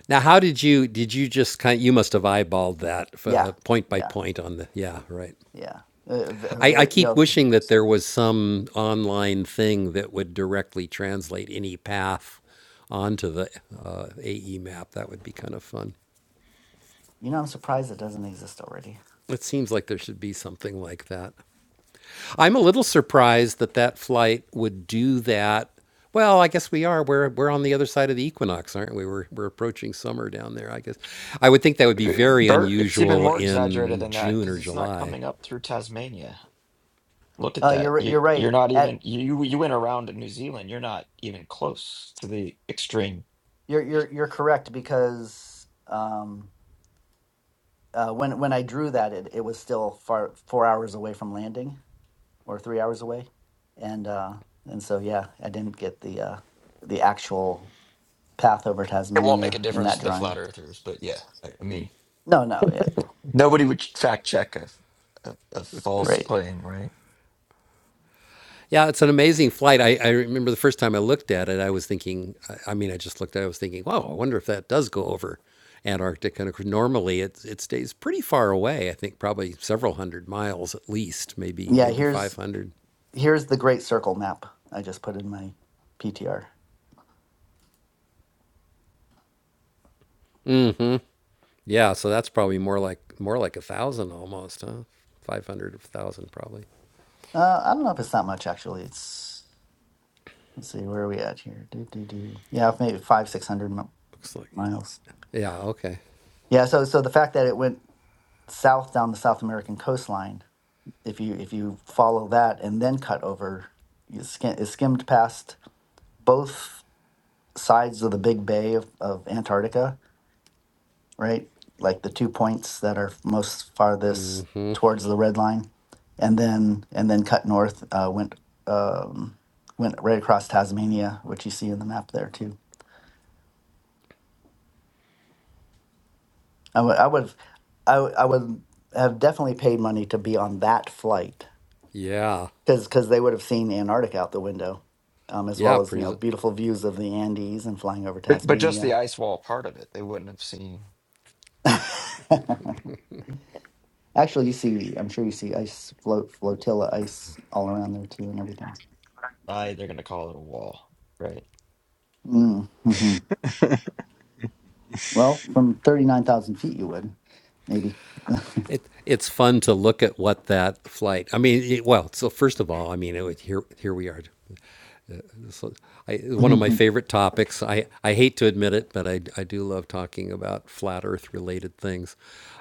Speaker 1: Now, how did you did you just kind? You must have eyeballed that
Speaker 8: Yeah.
Speaker 1: uh, point by
Speaker 8: yeah
Speaker 1: point on the. Yeah, right.
Speaker 8: Yeah, uh, uh, ve- uh,
Speaker 1: I, I
Speaker 8: very. You
Speaker 1: keep
Speaker 8: know,
Speaker 1: wishing that there was some online thing that would directly translate any path onto the uh, AE map. That would be kind of fun.
Speaker 8: you know, I'm surprised it doesn't exist already.
Speaker 1: It seems like there should be something like that. I'm a little surprised that that flight would do that. Well, I guess we are. We're we're on the other side of the equinox, aren't we? We're we're approaching summer down there. I guess I would think that would be
Speaker 9: Uh,
Speaker 1: very
Speaker 9: Bert, it's even
Speaker 1: unusual
Speaker 9: more exaggerated
Speaker 1: in
Speaker 9: than that
Speaker 1: June
Speaker 9: because
Speaker 1: or
Speaker 9: it's not
Speaker 1: July.
Speaker 9: coming up through Tasmania. Look at
Speaker 8: Uh, you're
Speaker 9: that.
Speaker 8: ri-
Speaker 9: You
Speaker 8: you're
Speaker 9: you're
Speaker 8: right.
Speaker 9: not even
Speaker 8: At
Speaker 9: you you you went around New Zealand. You're not even close to the extreme.
Speaker 8: you're you're you're correct because um, uh, when when I drew that, it it was still far four hours away from landing or three hours away, and uh, and so yeah, I didn't get the uh, the actual path over
Speaker 9: It won't make a
Speaker 8: Tasmania in
Speaker 9: difference
Speaker 8: that
Speaker 9: to the
Speaker 8: drawing.
Speaker 9: flat earthers, but yeah, I, I mean,
Speaker 8: No, no, yeah,
Speaker 9: nobody would fact check a, a a false
Speaker 8: right.
Speaker 9: claim, right?
Speaker 1: Yeah, it's an amazing flight. I, I remember the first time I looked at it, I was thinking. I, mean, I just looked. at it, I was thinking, wow, I wonder if that does go over Antarctica. And normally it it stays pretty far away. I think probably several hundred miles at least, maybe
Speaker 8: Yeah,
Speaker 1: maybe
Speaker 8: here's
Speaker 1: five hundred.
Speaker 8: here's the Great Circle map I just put in my PTR.
Speaker 1: Yeah, so that's probably more like more like a thousand almost, huh? Five hundred, a thousand probably.
Speaker 8: Uh, I don't know if it's that much actually. It's Let's see, where are we at here? Do, do, do. Yeah, maybe five, six hundred mi-
Speaker 1: Looks like it.
Speaker 8: miles.
Speaker 1: Yeah. Okay.
Speaker 8: Yeah, so so the fact that it went south down the South American coastline, if you if you follow that and then cut over, you skim, it skimmed past both sides of the Big Bay of, of Antarctica, right? Like the two points that are most farthest towards the red line, and then and then cut north, uh, went um, went right across Tasmania, which you see in the map there too I would I would I, would- I would have definitely paid money to be on that flight
Speaker 1: Yeah.
Speaker 8: because they would have seen Antarctica out the window, um, as
Speaker 1: Yeah.
Speaker 8: well as you know
Speaker 1: Pres-
Speaker 8: beautiful views of the Andes and flying over
Speaker 9: But but just the
Speaker 8: Tasmania.
Speaker 9: ice wall part of it, they wouldn't have seen.
Speaker 8: Actually, you see, I'm sure you see ice float flotilla ice all around there too, and everything.
Speaker 9: Why they're going to call it a wall, right?
Speaker 8: Mm-hmm. Well, from thirty nine thousand feet, you would maybe.
Speaker 1: it it's fun to look at what that flight. I mean, it, well, so first of all, I mean, it, was- here here we are so I, one of my
Speaker 8: Mhm.
Speaker 1: favorite topics. I, I hate to admit it, but I, I do love talking about flat Earth related things.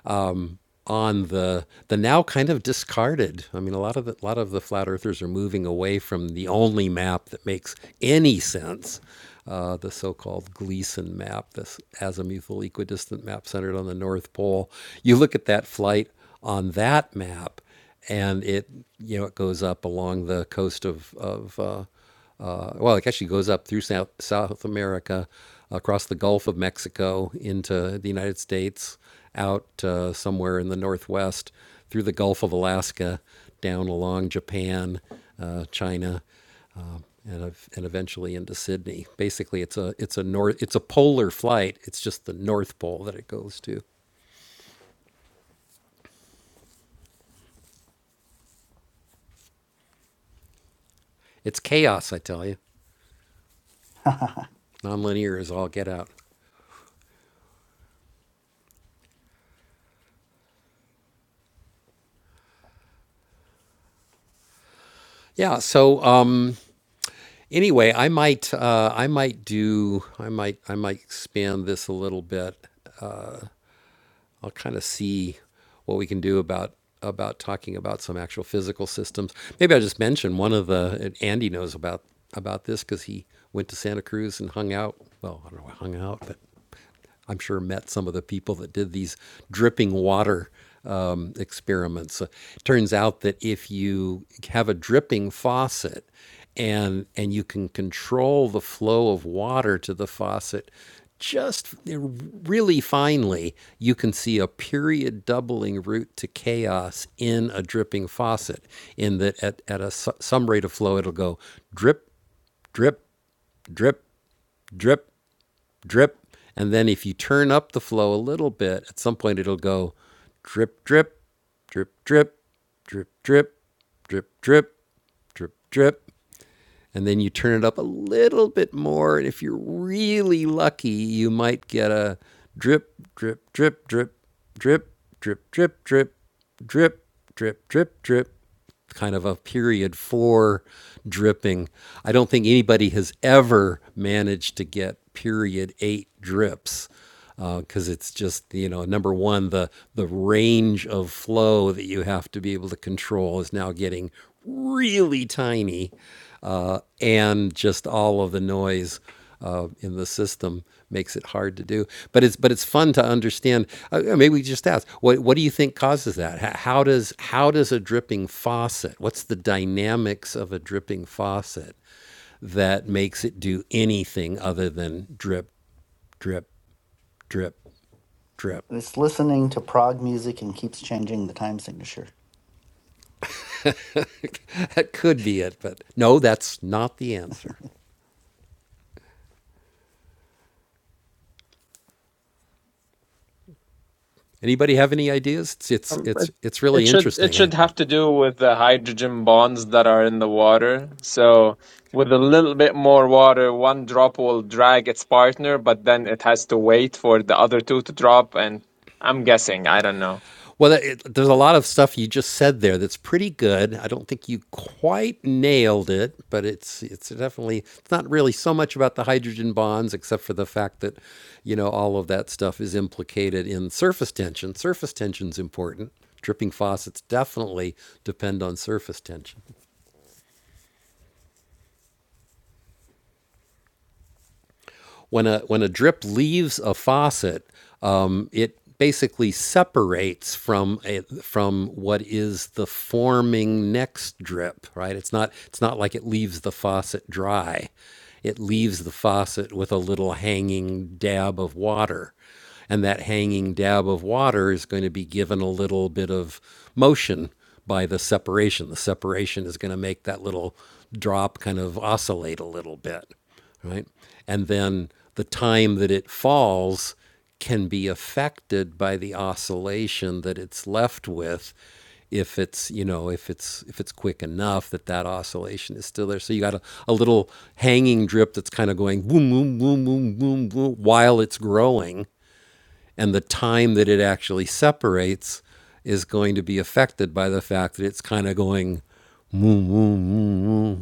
Speaker 1: Um, on the the now kind of discarded. I mean, a lot of the, a lot of the flat earthers are moving away from the only map that makes any sense, uh, the so-called Gleason map, this azimuthal equidistant map centered on the North Pole. You look at that flight on that map, and it you know it goes up along the coast of of uh, uh, well, it actually goes up through South South America, across the Gulf of Mexico into the United States, out uh, somewhere in the Northwest, through the Gulf of Alaska, down along Japan, uh, China, um, and ev- and eventually into Sydney. Basically, it's a it's a north it's a polar flight. It's just the North Pole that it goes to. It's chaos, I tell you.
Speaker 8: <laughs>
Speaker 1: Nonlinear is all get out. Yeah. So um, anyway, I might uh, I might do I might I might expand this a little bit. I'll kind of see what we can do about about talking about some actual physical systems. Maybe I'll just mention one of the and Andy knows about about this because he went to Santa Cruz and hung out. Well, I don't know, hung out, but. I'm sure met some of the people that did these dripping water um, experiments. Uh, turns out that if you have a dripping faucet and and you can control the flow of water to the faucet just uh, really finely, you can see a period doubling route to chaos in a dripping faucet. In that at, at a some rate of flow, it'll go drip, drip, drip, drip drip. And then if you turn up the flow a little bit, at some point it'll go drip, drip, drip, drip, drip, drip, drip, drip, drip, drip and then you turn it up a little bit more. And if you're really lucky, you might get a drip, drip, drip, drip, drip, drip, drip, drip, drip, drip, drip, drip, kind of a period four dripping. I don't think anybody has ever managed to get period eight drips because uh, it's just you know number one the the range of flow that you have to be able to control is now getting really tiny uh, and just all of the noise uh, in the system makes it hard to do but it's but it's fun to understand uh, yeah, maybe we just ask what what do you think causes that H- how does how does a dripping faucet what's the dynamics of a dripping faucet that makes it do anything other than drip drip drip trip.
Speaker 8: it's listening to prog music and keeps changing the time signature.
Speaker 1: <laughs> that could be it, but no, that's not the answer. Anybody have any ideas? It's it's
Speaker 2: Um, but
Speaker 1: it's, it's
Speaker 2: it
Speaker 1: really
Speaker 2: should it
Speaker 1: interesting. eh?
Speaker 2: should have to do with the hydrogen bonds that are in the water. So with a little bit more water, one drop will drag its partner, but then it has to wait for the other two to drop. And I'm guessing, I don't know.
Speaker 1: Well, it, there's a lot of stuff you just said there that's pretty good. I don't think you quite nailed it, but it's it's definitely it's not really so much about the hydrogen bonds, except for the fact that you know all of that stuff is implicated in surface tension. Surface tension's important. Dripping faucets definitely depend on surface tension. when a when a drip leaves a faucet, um, it basically separates from a, from what is the forming next drip. Right? It's not it's not like it leaves the faucet dry. It leaves the faucet with a little hanging dab of water. And that hanging dab of water is going to be given a little bit of motion by the separation. The separation is going to make that little drop kind of oscillate a little bit, right? And then the time that it falls can be affected by the oscillation that it's left with if it's you know if it's if it's quick enough that that oscillation is still there so you got a, a little hanging drip that's kind of going boom boom boom boom boom boom while it's growing and the time that it actually separates is going to be affected by the fact that it's kind of going moo, moo, moo, moo,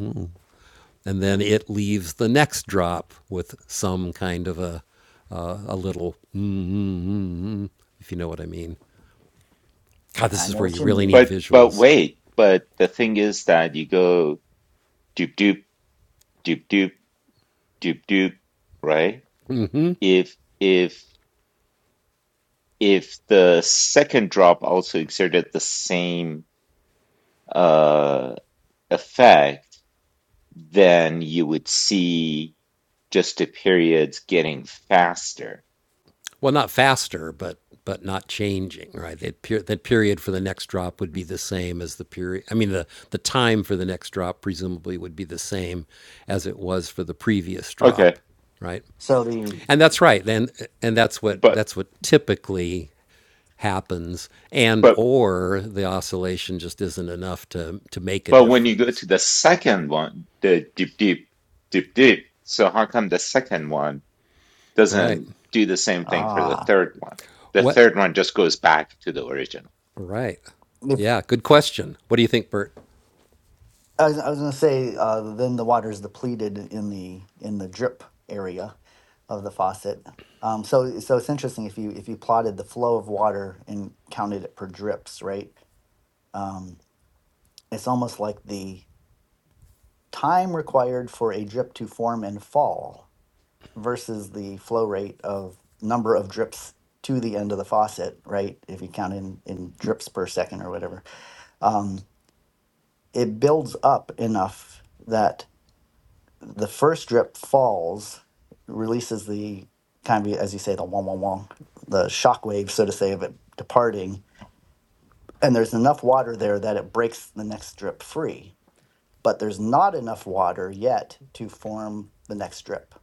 Speaker 1: and then it leaves the next drop with some kind of a uh, a little mm, mm, mm, mm, if you know what I mean. God,
Speaker 8: I
Speaker 1: this is
Speaker 8: know
Speaker 1: where
Speaker 8: what
Speaker 1: you
Speaker 8: you
Speaker 1: really need
Speaker 8: mean.
Speaker 4: But but
Speaker 1: visuals.
Speaker 4: wait, but the thing is that you go doop doop doop doop doop doop, right? If if if the second drop also exerted the same uh effect, then you would see just the periods getting faster.
Speaker 1: Well, not faster, but but not changing, right? That, per- that period for the next drop would be the same as the period. I mean, the the time for the next drop presumably would be the same as it was for the previous
Speaker 4: Okay.
Speaker 1: drop, right?
Speaker 8: So the
Speaker 1: And that's right. Then and that's what
Speaker 4: But
Speaker 1: that's what typically happens. And
Speaker 4: but
Speaker 1: or the oscillation just isn't enough to to make a
Speaker 4: but when you go
Speaker 1: difference,
Speaker 4: to the second one, the doop doop doop doop, so how come the second one?
Speaker 1: right?
Speaker 4: doesn't do the same thing for the
Speaker 8: ah.
Speaker 4: third one. The
Speaker 1: What?
Speaker 4: third one just goes back to the original.
Speaker 1: Right. Yeah. Good question. What do you think, Bert?
Speaker 8: I was, I was going to say, uh, then the water is depleted in the in the drip area of the faucet. Um, so so it's interesting if you if you plotted the flow of water and counted it per drips, right? Um, it's almost like the time required for a drip to form and fall versus the flow rate of number of drips to the end of the faucet, right? If you count in in drips per second or whatever, um, it builds up enough that the first drip falls, releases the kind of as you say the wong wong wong, the shock wave, so to say, of it departing, and there's enough water there that it breaks the next drip free. But there's not enough water yet to form the next drip.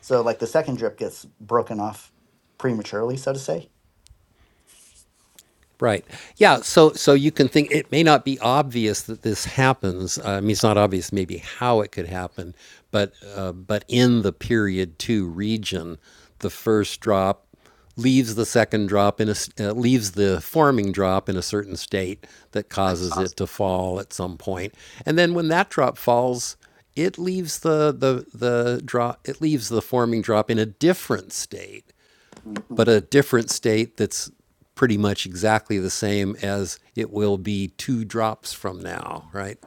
Speaker 8: So like the second drip gets broken off prematurely, so to say.
Speaker 1: Right. Yeah. So so you can think it may not be obvious that this happens. Uh, I mean, it's not obvious maybe how it could happen, but uh, but in the period two region, the first drop leaves the second drop in a uh, leaves the forming drop in a certain state that causes it to fall at some point, and then when that drop falls, it leaves the the the drop it leaves the forming drop in a different state
Speaker 8: hmm
Speaker 1: but a different state that's pretty much exactly the same as it will be two drops from now, right?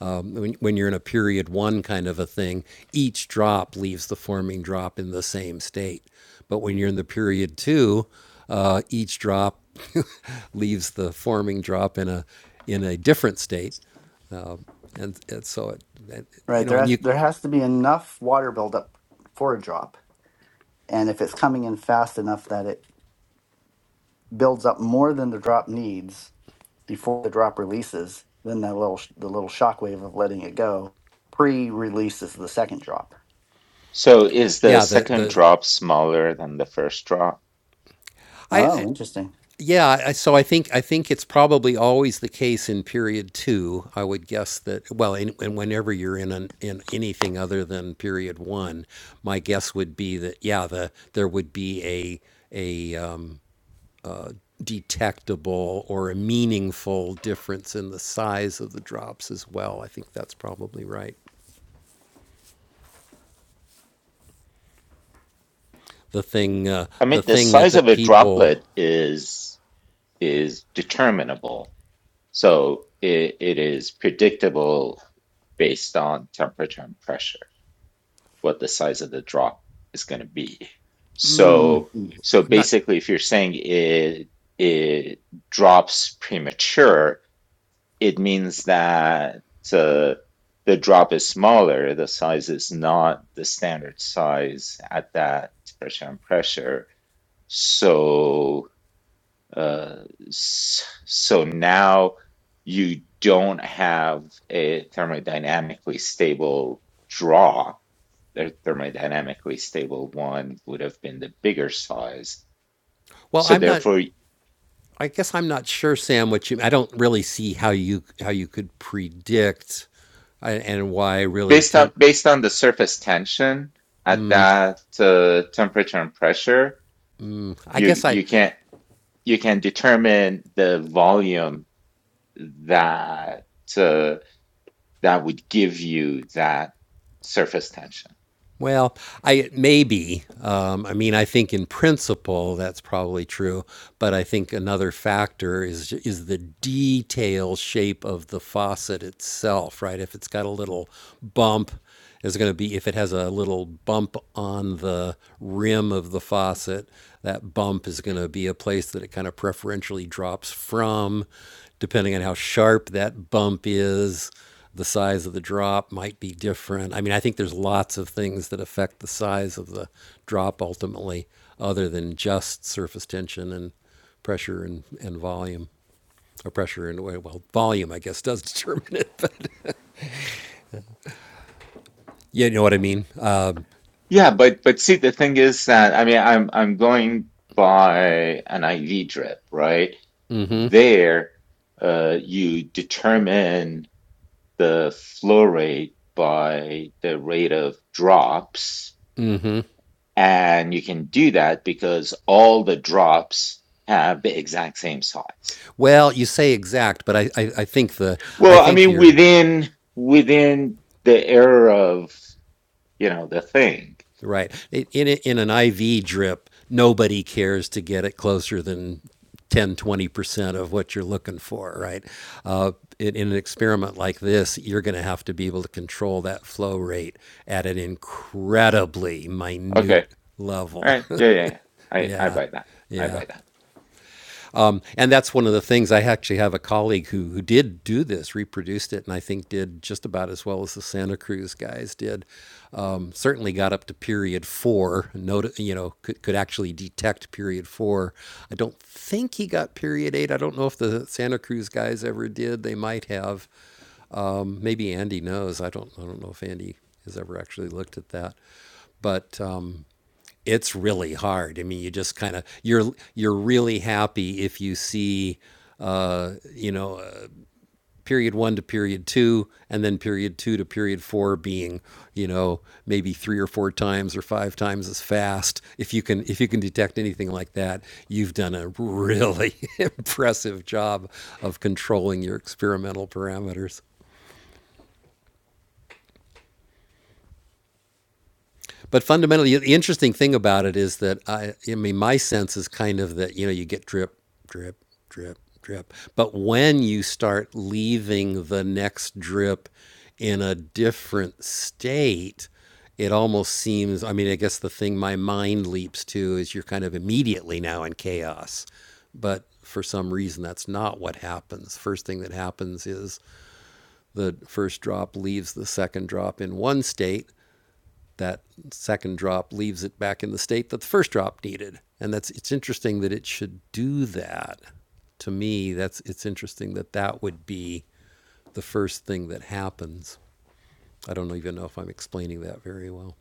Speaker 1: Um, when, when you're in a period one kind of a thing, each drop leaves the forming drop in the same state. But when you're in the period two, uh, each drop <laughs> leaves the forming drop in a in a different state, and, and so it, you
Speaker 8: Right.
Speaker 1: know,
Speaker 8: There
Speaker 1: and
Speaker 8: has
Speaker 1: you,
Speaker 8: there has to be enough water buildup for a drop, and if it's coming in fast enough that it builds up more than the drop needs, before the drop releases, then that little the little shockwave of letting it go pre-releases the second drop.
Speaker 4: So is the
Speaker 1: yeah, the
Speaker 4: second
Speaker 1: the
Speaker 4: drop smaller than the first drop?
Speaker 1: I
Speaker 8: Oh, interesting.
Speaker 1: Yeah, I, so I think I think it's probably always the case in period two. I would guess that well, and, and whenever you're in an, in anything other than period one, my guess would be that yeah, the there would be a a um, detectable or a meaningful difference in the size of the drops as well. I think that's probably right. The thing uh,
Speaker 4: I
Speaker 1: the
Speaker 4: mean, the
Speaker 1: thing that
Speaker 4: size of
Speaker 1: that
Speaker 4: a
Speaker 1: people
Speaker 4: droplet is is determinable. So it, it is predictable based on temperature and pressure what the size of the drop is going to be. So
Speaker 8: Mm.
Speaker 4: so
Speaker 1: I'm not
Speaker 4: basically, if you're saying it it drops premature, it means that uh, the drop is smaller. The size is not the standard size at that pressure and pressure. So, uh, so now you don't have a thermodynamically stable draw. The thermodynamically stable one would have been the bigger size.
Speaker 1: well,
Speaker 4: So
Speaker 1: I'm not.
Speaker 4: therefore
Speaker 1: I guess I'm not sure, Sam. What you? I don't really see how you how you could predict, uh, and why really.
Speaker 4: Based on
Speaker 1: Temp-
Speaker 4: based on the surface tension at that uh, temperature and pressure,
Speaker 1: I
Speaker 4: you
Speaker 1: guess I
Speaker 4: you can you can determine the volume that uh, that would give you that surface tension.
Speaker 1: Well, I maybe. Um, I mean, I think in principle that's probably true, but I think another factor is is the detail shape of the faucet itself, right? If it's got a little bump, is going to be if it has a little bump on the rim of the faucet, that bump is going to be a place that it kind of preferentially drops from, depending on how sharp that bump is the size of the drop might be different. I mean, I think there's lots of things that affect the size of the drop ultimately, other than just surface tension and pressure and, and volume. Or pressure and well, well, volume I guess does <laughs> determine it. But you know what I mean. Uh,
Speaker 4: Yeah, but but see, the thing is that I mean, I'm I'm going by an IV drip, right? There, uh, you determine the flow rate by the rate of drops And you can do that because all the drops have the exact same size.
Speaker 1: well, you say exact, but I, I, I think the I
Speaker 4: Well, I
Speaker 1: think
Speaker 4: mean,
Speaker 1: you're
Speaker 4: within, within the error of, you know, the thing.
Speaker 1: Right. In, in an IV drip, nobody cares to get it closer than ten, twenty percent of what you're looking for, right? Uh, in, in an experiment like this, you're going to have to be able to control that flow rate at an incredibly
Speaker 4: Okay.
Speaker 1: minute
Speaker 4: All
Speaker 1: level.
Speaker 4: right.
Speaker 1: <laughs>
Speaker 4: Yeah. Yeah. yeah. I, I
Speaker 1: yeah.
Speaker 4: buy that. I
Speaker 1: Yeah.
Speaker 4: buy that.
Speaker 1: Um, and that's one of the things I actually have a colleague who, who did do this, reproduced it, and I think did just about as well as the Santa Cruz guys did. Um, certainly got up to period four, not, you know, could, could actually detect period four. I don't think he got period eight. I don't know if the Santa Cruz guys ever did. They might have. Um, maybe Andy knows. I don't. I don't know if Andy has ever actually looked at that. But um, it's really hard. I mean, you just kind of you're you're really happy if you see, uh, you know, uh, period one to period two, and then period two to period four being, you know, maybe three or four times or five times as fast. If you can if you can detect anything like that, you've done a really <laughs> impressive job of controlling your experimental parameters. But fundamentally, the interesting thing about it is that I, I mean, my sense is kind of that you know you get drip, drip, drip, drip. But when you start leaving the next drip in a different state, it almost seems. I mean, I guess the thing my mind leaps to is you're kind of immediately now in chaos, but for some reason that's not what happens. First thing that happens is the first drop leaves the second drop in one state that second drop leaves it back in the state that the first drop needed. And that's it's interesting that it should do that. To me, that's it's interesting that that would be the first thing that happens. I don't even know if I'm explaining that very well.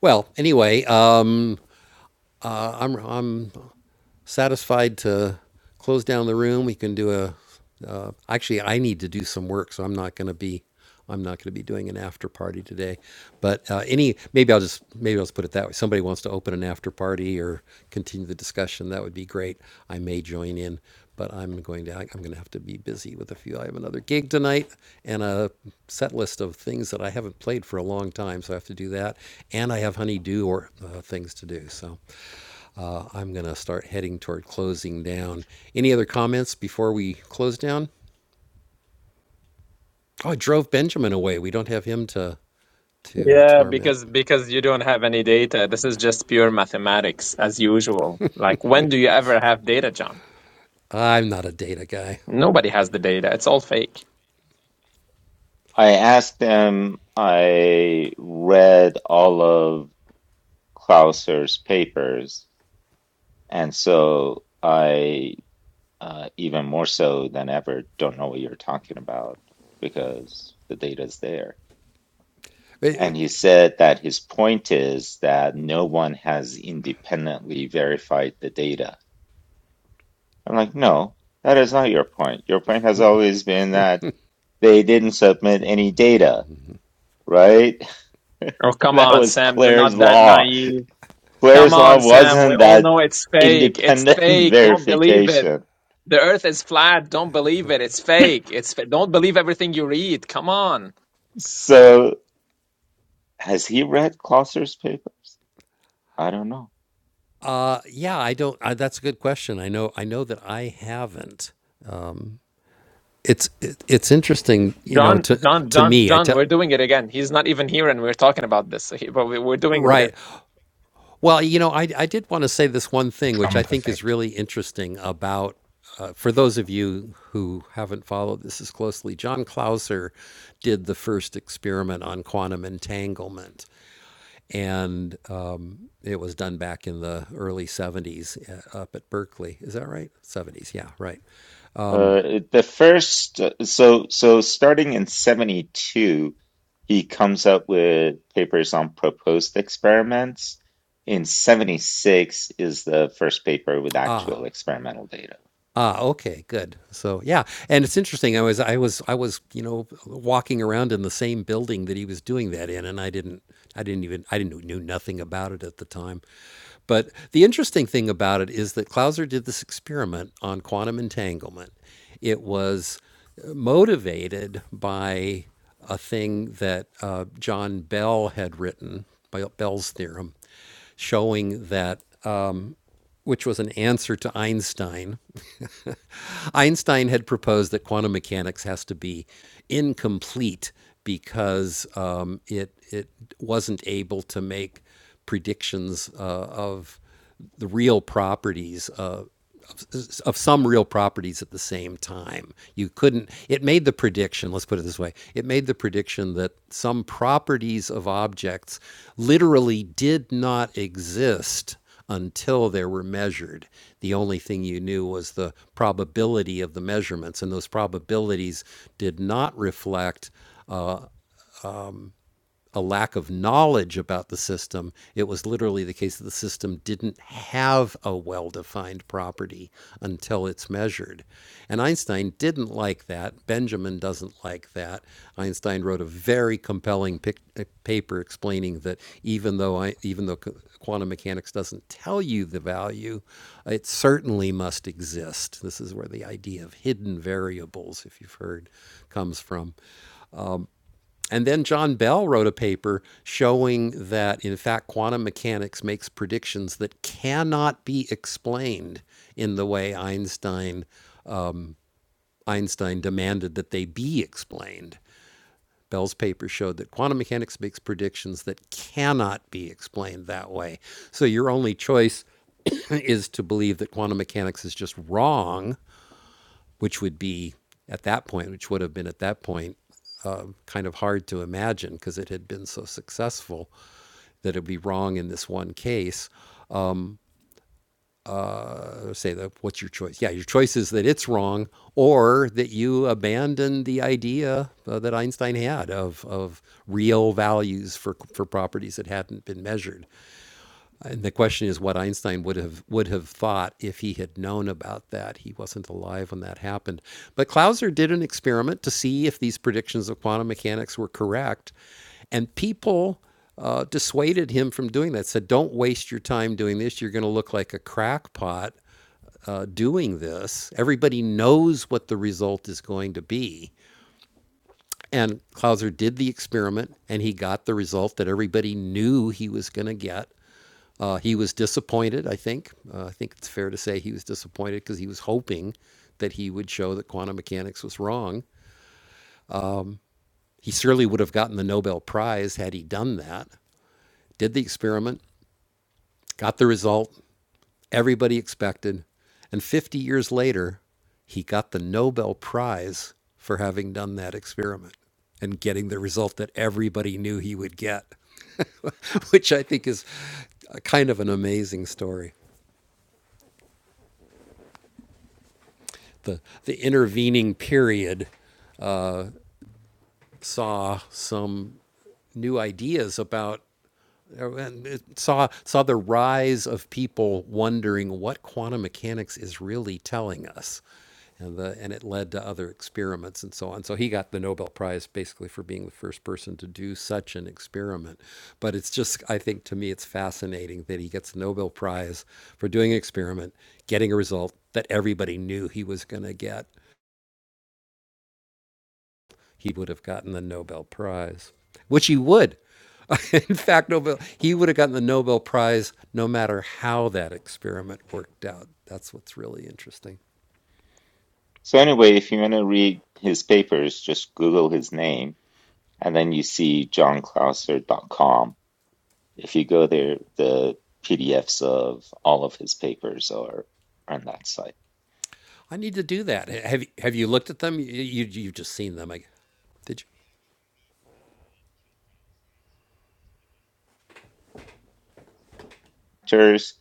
Speaker 1: Well, anyway, um, I'm I'm satisfied to close down the room. We can do a. Uh, actually, I need to do some work, so I'm not going to be. I'm not going to be doing an after party today. But uh, any, maybe I'll just maybe I'll just put it that way. Somebody wants to open an after party or continue the discussion. That would be great. I may join in, but I'm going to. I'm going to have to be busy with a few. I have another gig tonight and a set list of things that I haven't played for a long time, so I have to do that. And I have honeydew or uh, things to do. So uh, I'm going to start heading toward closing down. Any other comments before we close down? Oh, I drove Benjamin away. We don't have him to to
Speaker 2: Yeah,
Speaker 1: torment.
Speaker 2: because because you don't have any data. This is just pure mathematics as usual. Like when do you ever have data, John?
Speaker 1: I'm not a data guy.
Speaker 2: Nobody has the data. It's all fake.
Speaker 4: I asked them, I read all of Clauser's papers, and so I uh, even more so than ever don't know what you're talking about because the data's there. And he said that his point is that no one has independently verified the data. I'm like, no, that is not your point. Your point has always been that they didn't submit any data, right? <laughs>
Speaker 2: Oh, come
Speaker 4: That
Speaker 2: on,
Speaker 4: was
Speaker 2: Sam, you're
Speaker 4: Claire's
Speaker 2: not that
Speaker 4: law.
Speaker 2: naive. Come
Speaker 4: Claire's
Speaker 2: on,
Speaker 4: law
Speaker 2: Sam, we
Speaker 4: wasn't
Speaker 2: all
Speaker 4: that
Speaker 2: know it's fake. It's
Speaker 4: independent <laughs>
Speaker 2: fake. Don't believe it.
Speaker 4: verification
Speaker 2: The earth is flat. Don't believe it. It's fake. It's fa- don't believe everything you read. Come on.
Speaker 4: So, has he read Chaucer's papers? I don't know.
Speaker 1: Uh, uh, yeah, I don't. Uh, that's a good question. I know. I know that I haven't. It's it, it's interesting, you know.
Speaker 2: John,
Speaker 1: To
Speaker 2: John,
Speaker 1: to
Speaker 2: John,
Speaker 1: me, I
Speaker 2: John,
Speaker 1: tell
Speaker 2: we're doing it again. He's not even here and we're talking about this. He- but we- we're doing it again.
Speaker 1: right. Well, you know, I, I did want to say this one
Speaker 5: the
Speaker 1: thing, which I
Speaker 5: Trump
Speaker 1: think is
Speaker 5: effect.
Speaker 1: really interesting about, uh, for those of you who haven't followed this as closely, John Clauser did the first experiment on quantum entanglement. And um, it was done back in the early 70s uh, up at Berkeley. Is that right? 70s, yeah, right.
Speaker 4: Uh, the first, uh, so so starting in 72, he comes up with papers on proposed experiments. In 76 is the first paper with actual experimental data.
Speaker 1: Ah, okay, good. So yeah, and it's interesting. I was I was I was you know walking around in the same building that he was doing that in, and I didn't I didn't even I didn't knew nothing about it at the time. But the interesting thing about it is that Clauser did this experiment on quantum entanglement. It was uh, motivated by a thing that uh, John Bell had written, by Bell's theorem, showing that um, which was an answer to Einstein. <laughs> Einstein had proposed that quantum mechanics has to be incomplete because um, it it wasn't able to make predictions uh, of the real properties uh, of some real properties at the same time. You couldn't. It made the prediction. Let's put it this way. It made the prediction that some properties of objects literally did not exist until they were measured. The only thing you knew was the probability of the measurements, and those probabilities did not reflect a lack of knowledge about the system. It was literally the case that the system didn't have a well defined property until it's measured. And Einstein didn't like that. Benjamin doesn't like that. Einstein wrote a very compelling pic- uh, paper explaining that even though, I, even though quantum mechanics doesn't tell you the value, it certainly must exist. This is where the idea of hidden variables, if you've heard, comes from. And then John Bell wrote a paper showing that, in fact, quantum mechanics makes predictions that cannot be explained in the way Einstein, Einstein demanded that they be explained. Bell's paper showed that quantum mechanics makes predictions that cannot be explained that way. So your only choice <coughs> is to believe that quantum mechanics is just wrong, which would be at that point, which would have been at that point uh, kind of hard to imagine because it had been so successful. that it would be wrong in this one case, or say, that what's your choice? Yeah, your choice is that it's wrong or that you abandon the idea uh, that Einstein had of, of real values for, for properties that hadn't been measured. And the question is what Einstein would have would have thought if he had known about that. He wasn't alive when that happened. But Clauser did an experiment to see if these predictions of quantum mechanics were correct, and people uh, dissuaded him from doing that. Said, "Don't waste your time doing this. You're going to look like a crackpot uh, doing this. Everybody knows what the result is going to be." And Clauser did the experiment, and he got the result that everybody knew he was going to get. Uh, he was disappointed, I think. Uh, I think it's fair to say he was disappointed because he was hoping that he would show that quantum mechanics was wrong. He surely would have gotten the Nobel Prize had he done that. Did the experiment, got the result everybody expected, and 50 years later, he got the Nobel Prize for having done that experiment and getting the result that everybody knew he would get, <laughs> which I think is kind of an amazing story. the, the intervening period saw some new ideas about uh, and it saw saw the rise of people wondering what quantum mechanics is really telling us and the and it led to other experiments and so on so he got the Nobel prize basically for being the first person to do such an experiment but it's just I think to me it's fascinating that he gets the Nobel prize for doing an experiment getting a result that everybody knew he was going to get he would have gotten the Nobel Prize, which he would. <laughs> In fact, Nobel, he would have gotten the Nobel Prize no matter how that experiment worked out. That's what's really interesting.
Speaker 4: So anyway, if you want to read his papers, just Google his name, and then you see johnklauser.com If you go there, the PDFs of all of his papers are on that site.
Speaker 1: I need to do that. Have Have you looked at them? You, you you've just seen them. I, did you?
Speaker 4: Pictures,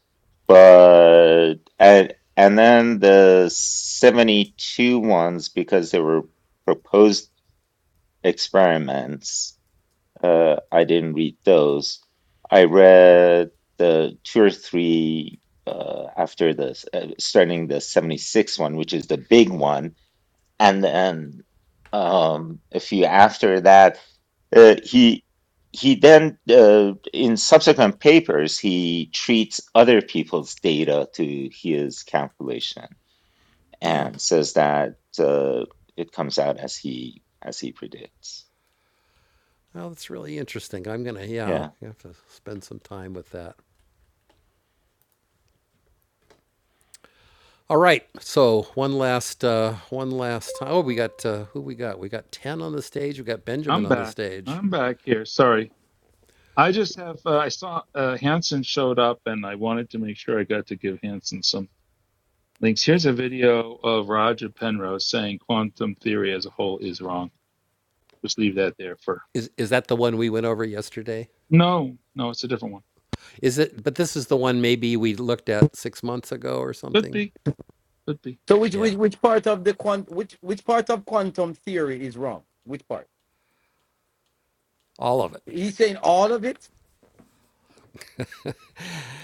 Speaker 4: But and and then the 72 ones because they were proposed experiments, uh, I didn't read those. I read the two or three uh, after this, uh, starting the 76 one, which is the big one and then um, if you after that uh, he he then uh, in subsequent papers he treats other people's data to his calculation
Speaker 1: No.
Speaker 4: and says that uh, it comes out as he as he predicts
Speaker 1: Well, that's really interesting. I'm gonna yeah,
Speaker 4: yeah
Speaker 1: I have to spend some time with that. All right. So one last uh, one last time. Oh, we got uh, who we got? We got ten on the stage. We got Benjamin
Speaker 3: I'm
Speaker 1: on the
Speaker 3: back.
Speaker 1: stage.
Speaker 3: I'm back here. Sorry. I just have, uh, I saw uh, Hanson showed up and I wanted to make sure I got to give Hanson some links. Here's a video of Roger Penrose saying quantum theory as a whole is wrong. Just leave that there for.
Speaker 1: Is is that the one we went over yesterday?
Speaker 3: No, no, it's a different one.
Speaker 1: Is it? But this is the one maybe we looked at six months ago or
Speaker 3: Could
Speaker 1: something.
Speaker 3: be, could be.
Speaker 10: So which
Speaker 1: Yeah,
Speaker 10: which which part of the quant which which part of quantum theory is wrong? Which part?
Speaker 1: all of it.
Speaker 10: He's saying all of it.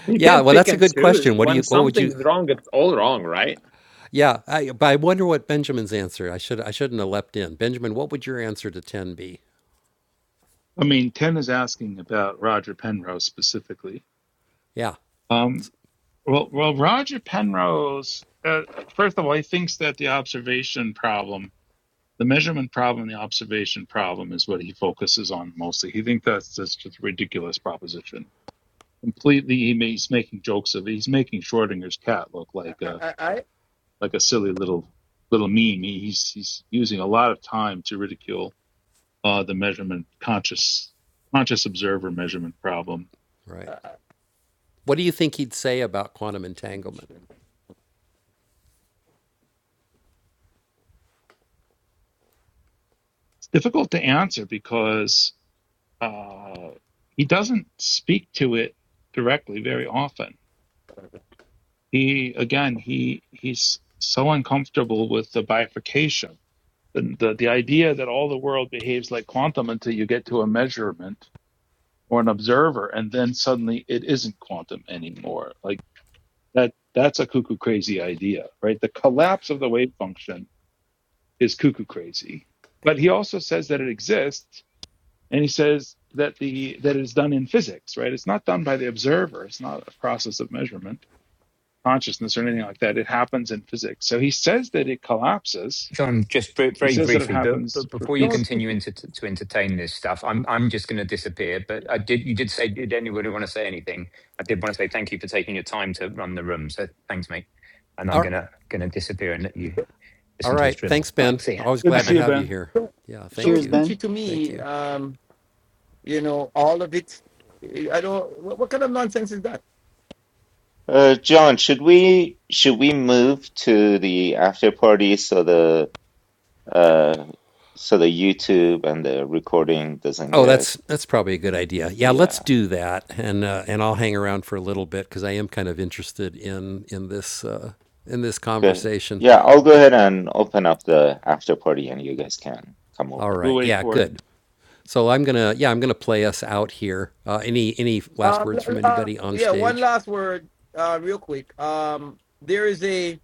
Speaker 2: You
Speaker 1: Yeah.
Speaker 2: can't
Speaker 1: Well,
Speaker 2: pick
Speaker 1: that's a
Speaker 2: and
Speaker 1: good
Speaker 2: choose.
Speaker 1: question. What do
Speaker 2: When
Speaker 1: you? What would you?
Speaker 2: something's wrong, it's all wrong, right?
Speaker 1: Yeah. I, but I wonder what Benjamin's answer. I should. I shouldn't have leapt in. Benjamin, what would your answer to ten be?
Speaker 3: I mean, Ken is asking about Roger Penrose specifically.
Speaker 1: Yeah.
Speaker 3: Um. Well, well, Roger Penrose, uh, first of all, he thinks that the observation problem, the measurement problem, the observation problem is what he focuses on mostly. He thinks that's that's just a ridiculous proposition. Completely, he ma- he's making jokes of it. He's making Schrodinger's cat look
Speaker 10: I
Speaker 3: like
Speaker 10: I
Speaker 3: a
Speaker 10: I, I
Speaker 3: like a silly little little meme. He- He's he's using a lot of time to ridicule uh, the measurement conscious conscious observer measurement problem.
Speaker 1: Right. What do you think he'd say about quantum entanglement?
Speaker 3: It's difficult to answer because Uh, he doesn't speak to it directly very often. He again, he he's so uncomfortable with the bifurcation, the, the the idea that all the world behaves like quantum until you get to a measurement or an observer, and then suddenly it isn't quantum anymore. Like that, that's a cuckoo crazy idea, right? The collapse of the wave function is cuckoo crazy. But he also says that it exists and he says that the that it is done in physics right it's not done by the observer it's not a process of measurement consciousness or anything like that it happens in physics so he says that it collapses
Speaker 5: John, just br-
Speaker 3: he
Speaker 5: very
Speaker 3: says that it
Speaker 5: briefly, but,
Speaker 3: happens
Speaker 5: but
Speaker 3: for
Speaker 5: before you
Speaker 10: don't
Speaker 3: physics.
Speaker 5: continue into to, to entertain this stuff, I'm I'm just going to disappear. But I did you did say did anybody want to say anything? I did want to say thank you for taking your time to run the room. So thanks, mate. And I'm
Speaker 1: All,
Speaker 5: gonna gonna disappear and let you
Speaker 1: all
Speaker 5: listen to this
Speaker 1: right.
Speaker 5: dribble.
Speaker 1: Thanks,
Speaker 5: All right,
Speaker 1: Ben.
Speaker 5: see ya.
Speaker 1: Always
Speaker 3: good to
Speaker 5: Bye,
Speaker 1: glad
Speaker 5: man.
Speaker 3: see
Speaker 1: to
Speaker 3: you
Speaker 1: have you
Speaker 3: ben
Speaker 1: here.
Speaker 10: don't
Speaker 1: Yeah. Thank
Speaker 10: don't
Speaker 8: Cheers,
Speaker 1: you.
Speaker 10: teach
Speaker 8: Ben.
Speaker 10: it to
Speaker 1: Thank
Speaker 10: me.
Speaker 1: you.
Speaker 10: Um, you know all of it. eh, I don't. What, what kind of nonsense is that?
Speaker 4: uh, John should we should we move to the after party so the uh, so the YouTube and the recording doesn't
Speaker 1: Oh,
Speaker 4: get
Speaker 1: that's that's probably a good idea. Yeah, let's
Speaker 4: yeah
Speaker 1: do that, and uh, and I'll hang around for a little bit because I am kind of interested in in this uh, in this
Speaker 4: Okay.
Speaker 1: conversation.
Speaker 4: Yeah, I'll go
Speaker 1: But
Speaker 4: ahead and open up the after party and you guys can come over.
Speaker 1: all
Speaker 3: we'll
Speaker 1: right,
Speaker 3: wait
Speaker 1: yeah,
Speaker 3: for it
Speaker 1: good. So I'm gonna yeah I'm gonna play us out here. Uh, any any last
Speaker 10: Um,
Speaker 1: words from
Speaker 10: uh,
Speaker 1: anybody on
Speaker 10: yeah. One
Speaker 1: stage?
Speaker 10: last word, uh, real quick. Um, there is a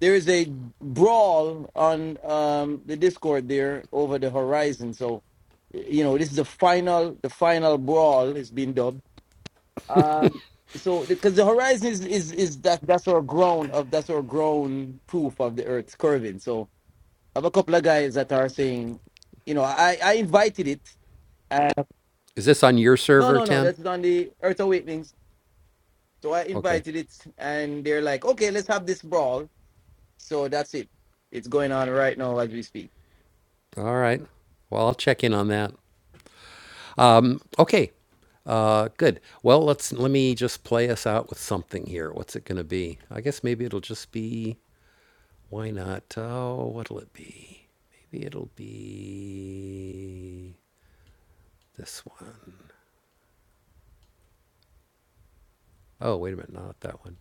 Speaker 10: there is a brawl on um, the Discord there over the horizon. So, you know, this is the final, the final brawl is being dubbed. Um, so, because the horizon is, is is that that's our ground of that's our ground proof of the Earth's curving. So, I have a couple of guys that are saying, you know, I I invited it. And,
Speaker 1: Is this on your
Speaker 10: no,
Speaker 1: server,
Speaker 10: no, no,
Speaker 1: Ten?
Speaker 10: that's on the Earth Awakenings. So I
Speaker 1: Okay.
Speaker 10: invited it, and they're like, okay, let's have this brawl. So that's it. It's going on right now as we speak.
Speaker 1: All right. Well, I'll check in on that. Um, okay. Uh, good. Well, let's let me just play us out with something here. What's it gonna be? I guess maybe it'll just be. why not? Oh, what'll it be? Maybe it'll be this one. Oh, wait a minute, not that one.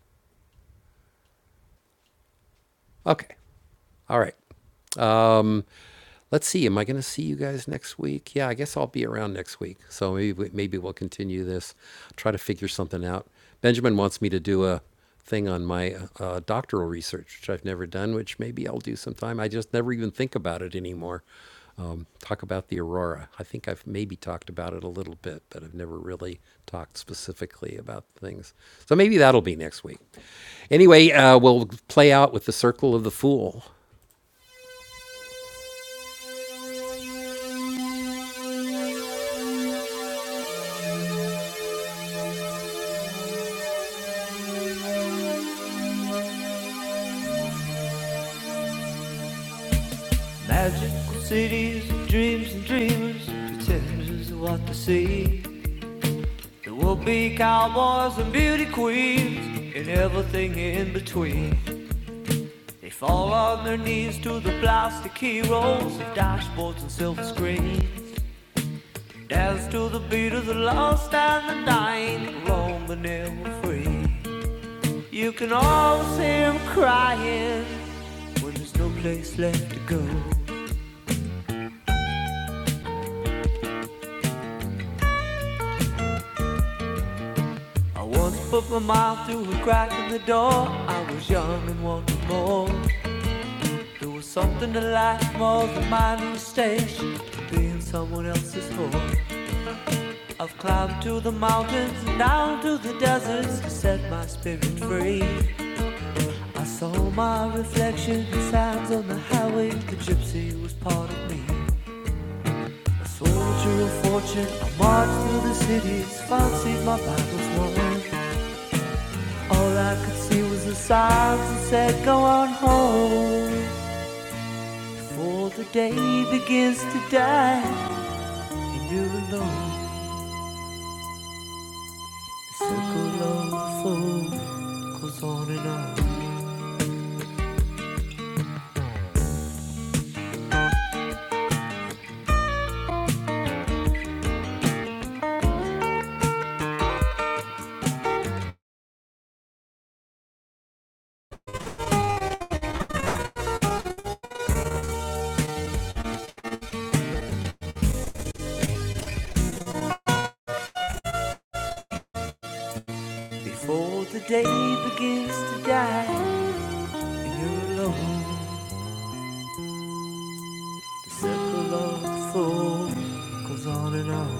Speaker 1: Okay, all right. Um, Let's see. Am I going to see you guys next week? Yeah, I guess I'll be around next week. So maybe maybe we'll continue this. Try to figure something out. Benjamin wants me to do a thing on my uh, uh, doctoral research, which I've never done. Which maybe I'll do sometime. I just never even think about it anymore. Um, talk about the aurora. I think I've maybe talked about it a little bit, but I've never really talked specifically about things. So maybe that'll be next week. Anyway, uh, we'll play out with the circle of the fool. Magical cities of dreams and dreamers, pretenders of what they see. There will be cowboys and beauty queens and everything in between. They fall on their knees to the plastic heroes of dashboards and silver screens. Dance to the beat of the lost and the dying, roam the never free. You can always hear them crying when there's no place left to go. I once put my mouth through a crack in the door. I was young and wanted more. There was something to life more than my new station, to being someone else's whore. I've climbed to the mountains and down to the deserts to set my spirit free. I saw my reflection in signs on the highway. The gypsy was part of me. A soldier of fortune, I marched through the cities, fancied my battles won. All I could see was the signs that said, Go on home. Before the day begins to die, and you're alone. The circle of the fool goes on and on. Before the day begins to die, and you're alone. The circle of the fool goes on and on.